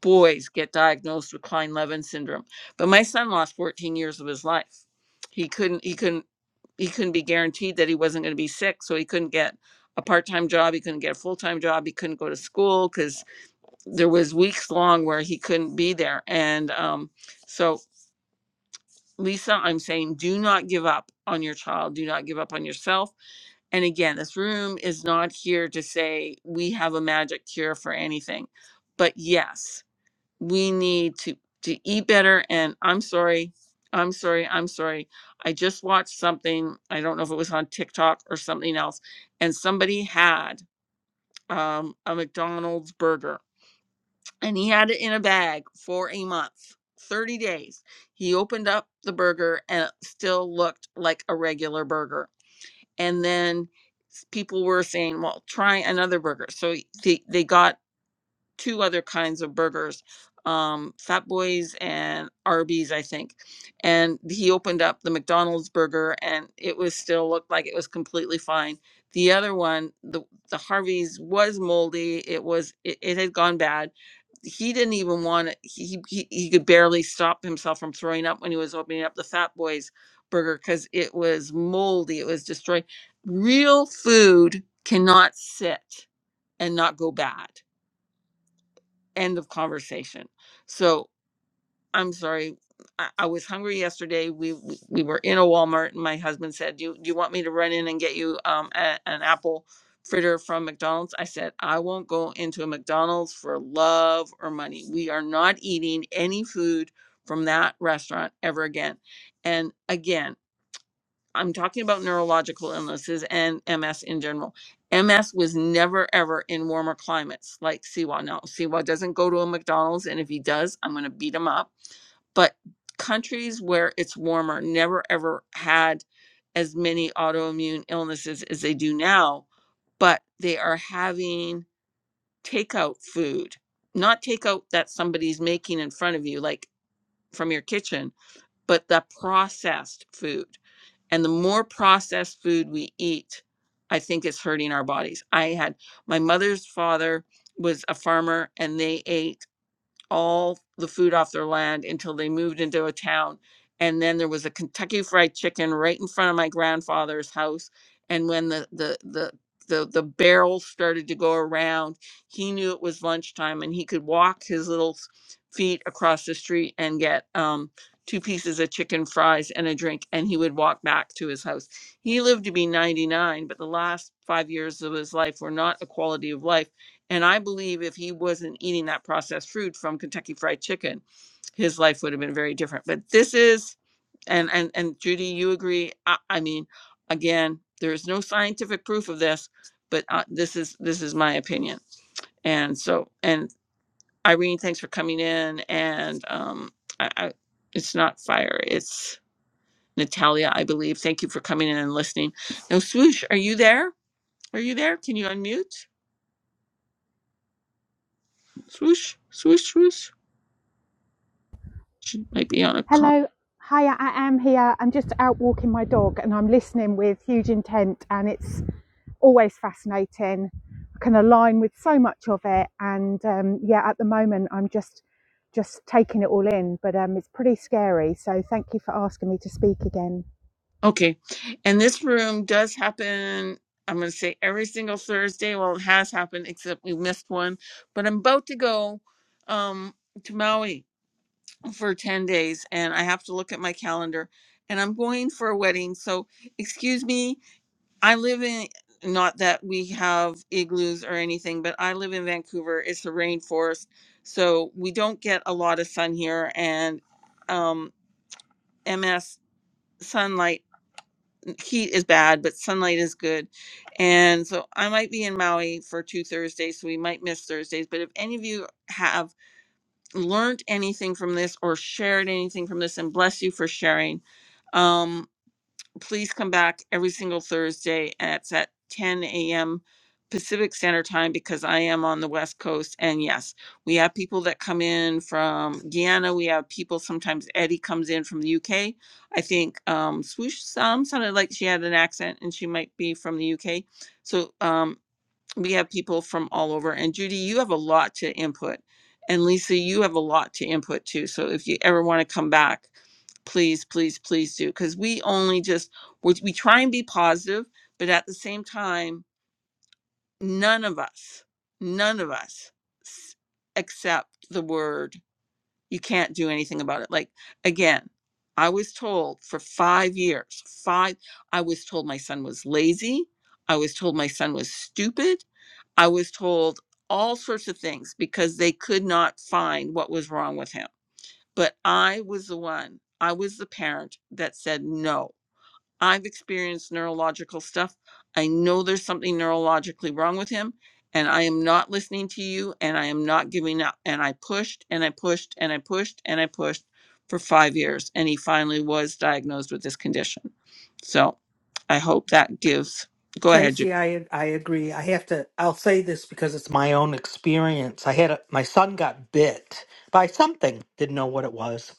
S1: boys get diagnosed with klein-levin syndrome but my son lost 14 years of his life he couldn't he couldn't he couldn't be guaranteed that he wasn't going to be sick so he couldn't get a part-time job he couldn't get a full-time job he couldn't go to school because there was weeks long where he couldn't be there and um, so lisa i'm saying do not give up on your child do not give up on yourself and again this room is not here to say we have a magic cure for anything but yes we need to to eat better and i'm sorry i'm sorry i'm sorry i just watched something i don't know if it was on tiktok or something else and somebody had um, a mcdonald's burger and he had it in a bag for a month 30 days he opened up the burger and it still looked like a regular burger and then s- people were saying well try another burger so he- they, they got two other kinds of burgers, um, Fat Boys and Arby's, I think. And he opened up the McDonald's burger, and it was still looked like it was completely fine. The other one, the the Harvey's, was moldy. It was it, it had gone bad. He didn't even want to. He, he he could barely stop himself from throwing up when he was opening up the Fat Boys burger because it was moldy. It was destroyed. Real food cannot sit and not go bad end of conversation so i'm sorry i, I was hungry yesterday we, we we were in a walmart and my husband said do you, do you want me to run in and get you um a- an apple fritter from mcdonald's i said i won't go into a mcdonald's for love or money we are not eating any food from that restaurant ever again and again I'm talking about neurological illnesses and MS in general. MS was never ever in warmer climates like Siwa. No, Siwa doesn't go to a McDonald's, and if he does, I'm going to beat him up. But countries where it's warmer never ever had as many autoimmune illnesses as they do now, but they are having takeout food, not takeout that somebody's making in front of you, like from your kitchen, but the processed food and the more processed food we eat, I think it's hurting our bodies. I had my mother's father was a farmer and they ate all the food off their land until they moved into a town. And then there was a Kentucky Fried Chicken right in front of my grandfather's house. And when the the the the, the barrels started to go around, he knew it was lunchtime, and he could walk his little s- feet across the street and get um, two pieces of chicken fries and a drink, and he would walk back to his house. He lived to be 99, but the last five years of his life were not a quality of life and I believe if he wasn't eating that processed food from Kentucky Fried Chicken, his life would have been very different. But this is, and and and Judy, you agree? I, I mean, again, there is no scientific proof of this, but uh, this is this is my opinion. And so, and Irene, thanks for coming in. And um, I, I, it's not fire, it's Natalia, I believe. Thank you for coming in and listening. Now, swoosh, are you there? Are you there? Can you unmute? Swoosh, swoosh, swoosh. She might be on a con.
S5: Hello. hi. I am here. I'm just out walking my dog and I'm listening with huge intent and it's always fascinating. I can align with so much of it, and um, yeah, at the moment I'm just just taking it all in, but um, it's pretty scary. So thank you for asking me to speak again.
S1: Okay. And this room does happen, I'm going to say every single Thursday. Well, it has happened, except we missed one. But I'm about to go um, to Maui for 10 days, and I have to look at my calendar. And I'm going for a wedding. So, excuse me, I live in. Not that we have igloos or anything, but I live in Vancouver. It's a rainforest. So we don't get a lot of sun here. And um, MS sunlight heat is bad, but sunlight is good. And so I might be in Maui for two Thursdays, so we might miss Thursdays. But if any of you have learned anything from this or shared anything from this, and bless you for sharing, um, please come back every single Thursday and it's at 10 a.m. Pacific Standard Time because I am on the West Coast. And yes, we have people that come in from Guyana. We have people sometimes Eddie comes in from the UK. I think um, Swoosh Sam sounded like she had an accent and she might be from the UK. So um, we have people from all over and judy you have a lot to input and lisa you have a lot to input too so if you ever want to come back please please please do because we only just we, we try and be positive but at the same time none of us none of us s- accept the word you can't do anything about it. Like again, I was told for five years, five, I was told my son was lazy. I was told my son was stupid. I was told all sorts of things because they could not find what was wrong with him. But I was the one, I was the parent that said no I've experienced neurological stuff. I know there's something neurologically wrong with him, and I am not listening to you, and I am not giving up. And I pushed and I pushed and I pushed and I pushed for five years, and he finally was diagnosed with this condition. So I hope that gives. Go ahead, Judy.
S6: Tracy, I I agree. I have to. I'll say this because it's my own experience. I had a, my son got bit by something. Didn't know what it was.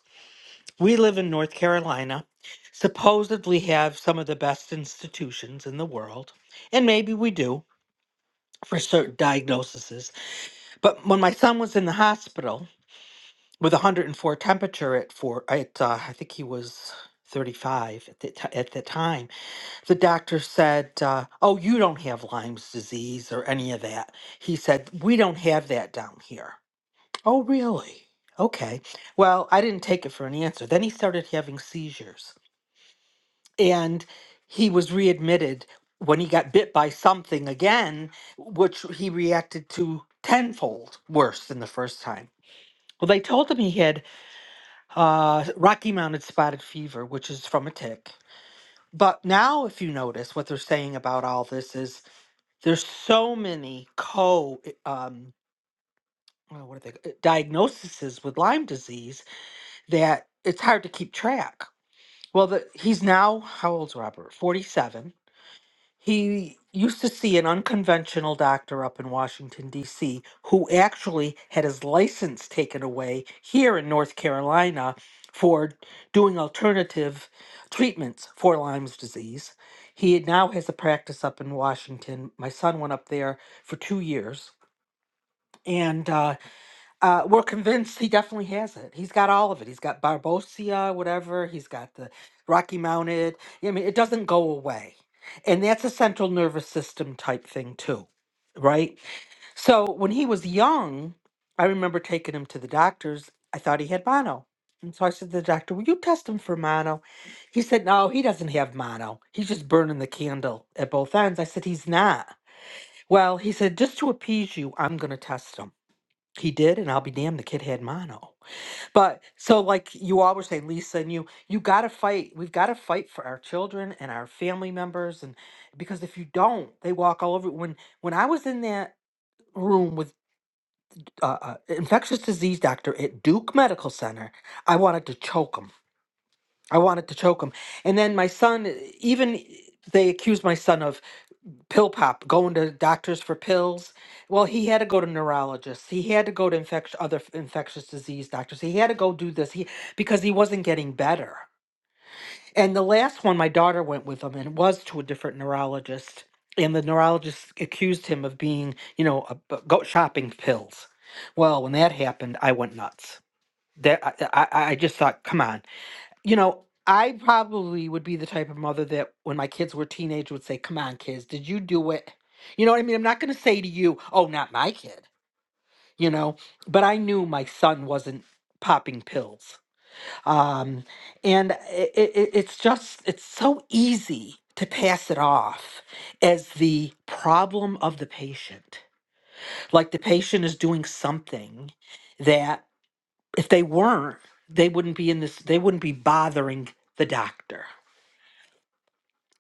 S6: We live in North Carolina, supposedly have some of the best institutions in the world, and maybe we do for certain diagnoses. But when my son was in the hospital with 104 temperature at four, at uh, I think he was 35 at the, ti- at the time the doctor said, uh, Oh, you don't have Lyme's disease or any of that. He said, We don't have that down here. Oh, really? Okay. Well, I didn't take it for an answer. Then he started having seizures and he was readmitted when he got bit by something again, which he reacted to tenfold worse than the first time. Well, they told him he had uh, Rocky Mountain Spotted Fever, which is from a tick. But now, if you notice, what they're saying about all this is There's so many co um oh, what are they uh, diagnoses with Lyme disease that it's hard to keep track. Well, the, he's now how old's Robert? 47. He used to see an unconventional doctor up in Washington D.C. who actually had his license taken away here in North Carolina for doing alternative treatments for Lyme's disease. He now has a practice up in Washington. My son went up there for two years and uh, uh, we're convinced he definitely has it. He's got all of it. He's got Barbosia, whatever. He's got the Rocky Mounted. Yeah, I mean, it doesn't go away, and that's a central nervous system type thing too, right? So when he was young, I remember taking him to the doctors. I thought he had mono, and so I said to the doctor, "Will you test him for mono?" He said, "No, he doesn't have mono. He's just burning the candle at both ends." I said, "He's not." Well, he said, "Just to appease you, I'm going to test him." He did, and I'll be damned, the kid had mono. But so, like you always say, Lisa, and you, you got to fight. We've got to fight for our children and our family members, and because if you don't, they walk all over. When when I was in that room with uh, uh, infectious disease doctor at Duke Medical Center, I wanted to choke him. I wanted to choke him, and then my son, even they accused my son of pill pop, going to doctors for pills. Well, he had to go to neurologists. He had to go to infection, other f- infectious disease doctors. He had to go do this he, because he wasn't getting better. And the last one, my daughter went with him and was to a different neurologist. And the neurologist accused him of being, you know, a, a- go shopping pills. Well, when that happened, I went nuts. That I, I, I just thought, come on you know, I probably would be the type of mother that when my kids were teenage would say, Come on, kids, did you do it? You know what I mean? I'm not gonna say to you, Oh, not my kid, you know, but I knew my son wasn't popping pills. Um, and it, it, it's just, it's so easy to pass it off as the problem of the patient. Like the patient is doing something that if they weren't, they wouldn't be in this, they wouldn't be bothering the doctor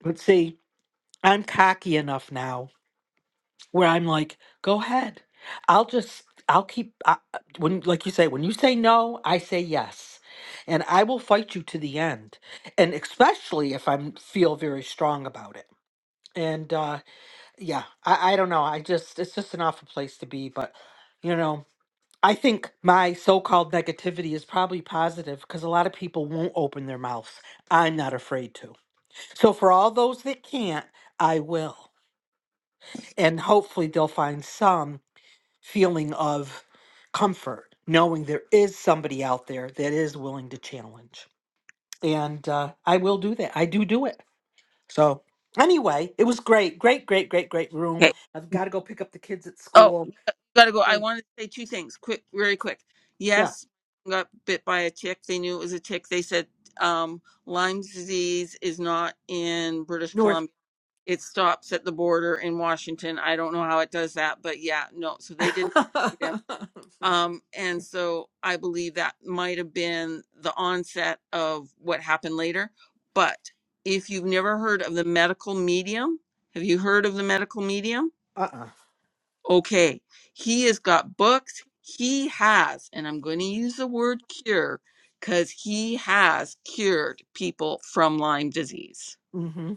S6: But see, I'm cocky enough now where I'm like, go ahead. I'll just, I'll keep, I, I- when, like you say, when you say no, I say yes. And I will fight you to the end. And especially if I am feel very strong about it. And uh, yeah, I, I don't know. I just, it's just an awful place to be. But, you know, I think my so called negativity is probably positive because a lot of people won't open their mouths. I'm not afraid to. So for all those that can't, I will. and hopefully they'll find some feeling of comfort knowing there is somebody out there that is willing to challenge and uh, i will do that i do do it so anyway it was great great great great great room
S1: Okay.
S6: i've got to go pick up the kids at
S1: Oh,
S6: school
S1: gotta go. I
S6: and
S1: wanted to say two things quick, very quick.
S6: yeah
S1: Yes, got bit by a tick. They knew it was a tick. They said um, Lyme's disease is not in British Columbia
S6: north
S1: It stops at the border in Washington. I don't know how it does that, but yeah, no. So they didn't. them.
S6: uh-uh
S1: Um, and so I believe that might have been the onset of what happened later. But if you've never heard of the medical medium, have you heard of the medical medium? Okay. He has got books. He has, and I'm going to use the word cure because he has cured people from Lyme disease.
S6: mm-hmm,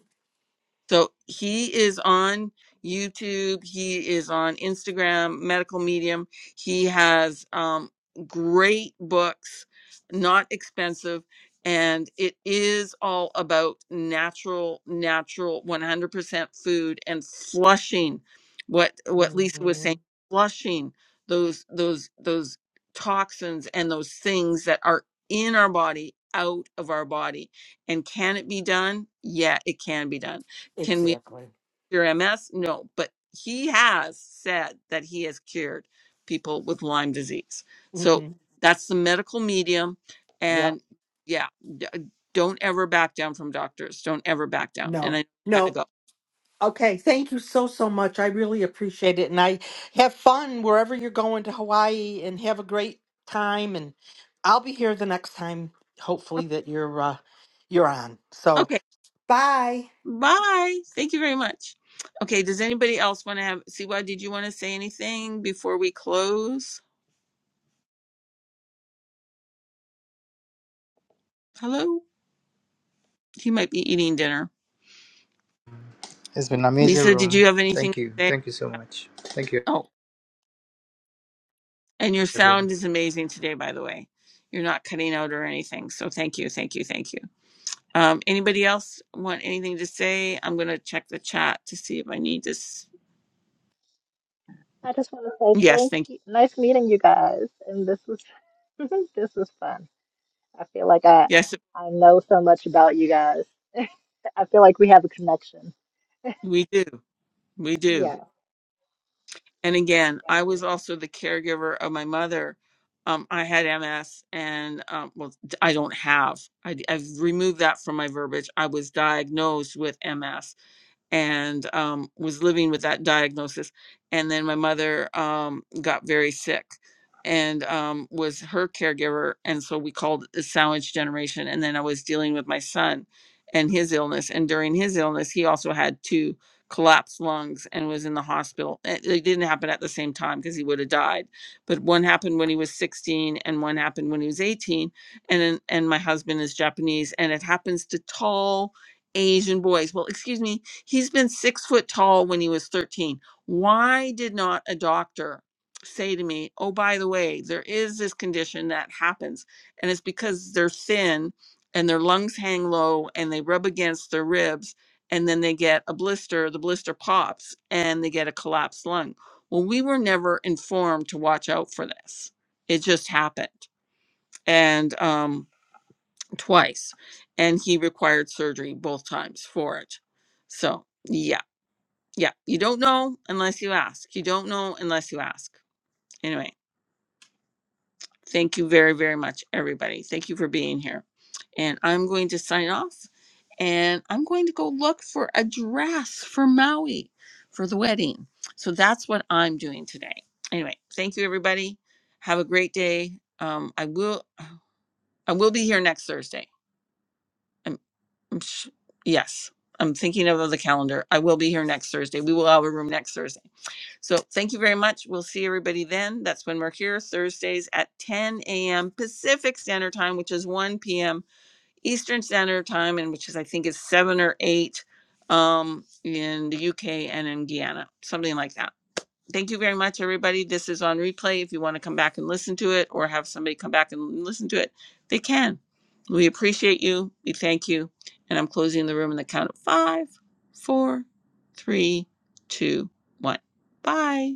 S1: So he is on YouTube. He is on Instagram, Medical Medium. He has um, great books, not expensive. And it is all about natural, natural, 100% food and flushing what what Lisa was
S6: mm-hmm.
S1: saying, flushing those those those toxins and those things that are in our body out of our body. And can it be done? Yeah, it can be done can we
S6: exactly
S1: cure MS? No, but he has said that he has cured people with Lyme disease. So
S6: mm-hmm.
S1: that's the medical medium.
S6: yep
S1: And yeah, d- uh, don't ever back down from doctors. Don't ever back down. And
S6: no
S1: I gotta
S6: no
S1: go.
S6: Okay, thank you so, so much. I really appreciate it. And I have fun wherever you're going to Hawaii and have a great time. And I'll be here the next time, hopefully, that you're uh, you're on. So
S1: Okay,
S6: bye.
S1: bye. Thank you very much. Okay, does anybody else want to have? Siwa, did you want to say anything before we close? Hello? He might be eating dinner.
S7: It's been an amazing
S1: Lisa, did
S7: room.
S1: you have anything
S7: Thank
S1: to
S7: you.
S1: say?
S7: Thank you so much. Thank you,
S1: Oh. And your
S7: everyone.
S1: sound is amazing today, by the way. You're not cutting out or anything. So thank you, thank you, thank you. Um, anybody else want anything to say? I'm going to check the chat to see if I need this.
S8: I just want to say
S1: Yes,
S8: thank
S1: thank
S8: you. Nice meeting you guys, and this was this was fun. I feel like I
S1: you. Yes,
S8: I I know so much about you guys. I feel like we have a connection.
S1: we do. We do.
S8: Yeah,
S1: And again,
S8: thank
S1: I
S8: you.
S1: was also the caregiver of my mother. Um, I had MS, and um, well, I don't have. I, I've removed that from my verbiage. I was diagnosed with MS and um, was living with that diagnosis. And then my mother um, got very sick and um, was her caregiver. And so we called it the sandwich generation. And then I was dealing with my son and his illness. And during his illness, he also had two collapsed lungs and was in the hospital. It, it didn't happen at the same time because he would have died. But one happened when he was 16 and one happened when he was 18. And then, and my husband is Japanese and it happens to tall Asian boys. Well, excuse me, He's been six foot tall when he was 13. Why did not a doctor say to me, oh, by the way, there is this condition that happens? And it's because they're thin and their lungs hang low and they rub against their ribs and then they get a blister. The blister pops and they get a collapsed lung. Well, we were never informed to watch out for this. It just happened. And um, twice. And he required surgery both times for it. So, yeah yeah, you don't know unless you ask. You don't know unless you ask. Anyway, thank you very, very much, everybody. Thank you for being here. And I'm going to sign off and I'm going to go look for a dress for Maui for the wedding. So that's what I'm doing today. Anyway, thank you, everybody. Have a great day. Um, I will, I will be here next Thursday. I'm, I'm sh- yes, I'm thinking of the calendar. I will be here next Thursday. We will have a room next Thursday. So thank you very much. We'll see everybody then. That's when we're here Thursdays at 10 a.m. Pacific Standard Time, which is 1 p.m. Eastern Standard Time, and which is I think is seven or eight um, in the UK and in Guyana, something like that. Thank you very much, everybody. This is on replay. If you want to come back and listen to it, or have somebody come back and listen to it, they can. We appreciate you. We thank you. And I'm closing the room in the count of five, four, three, two, one. Bye.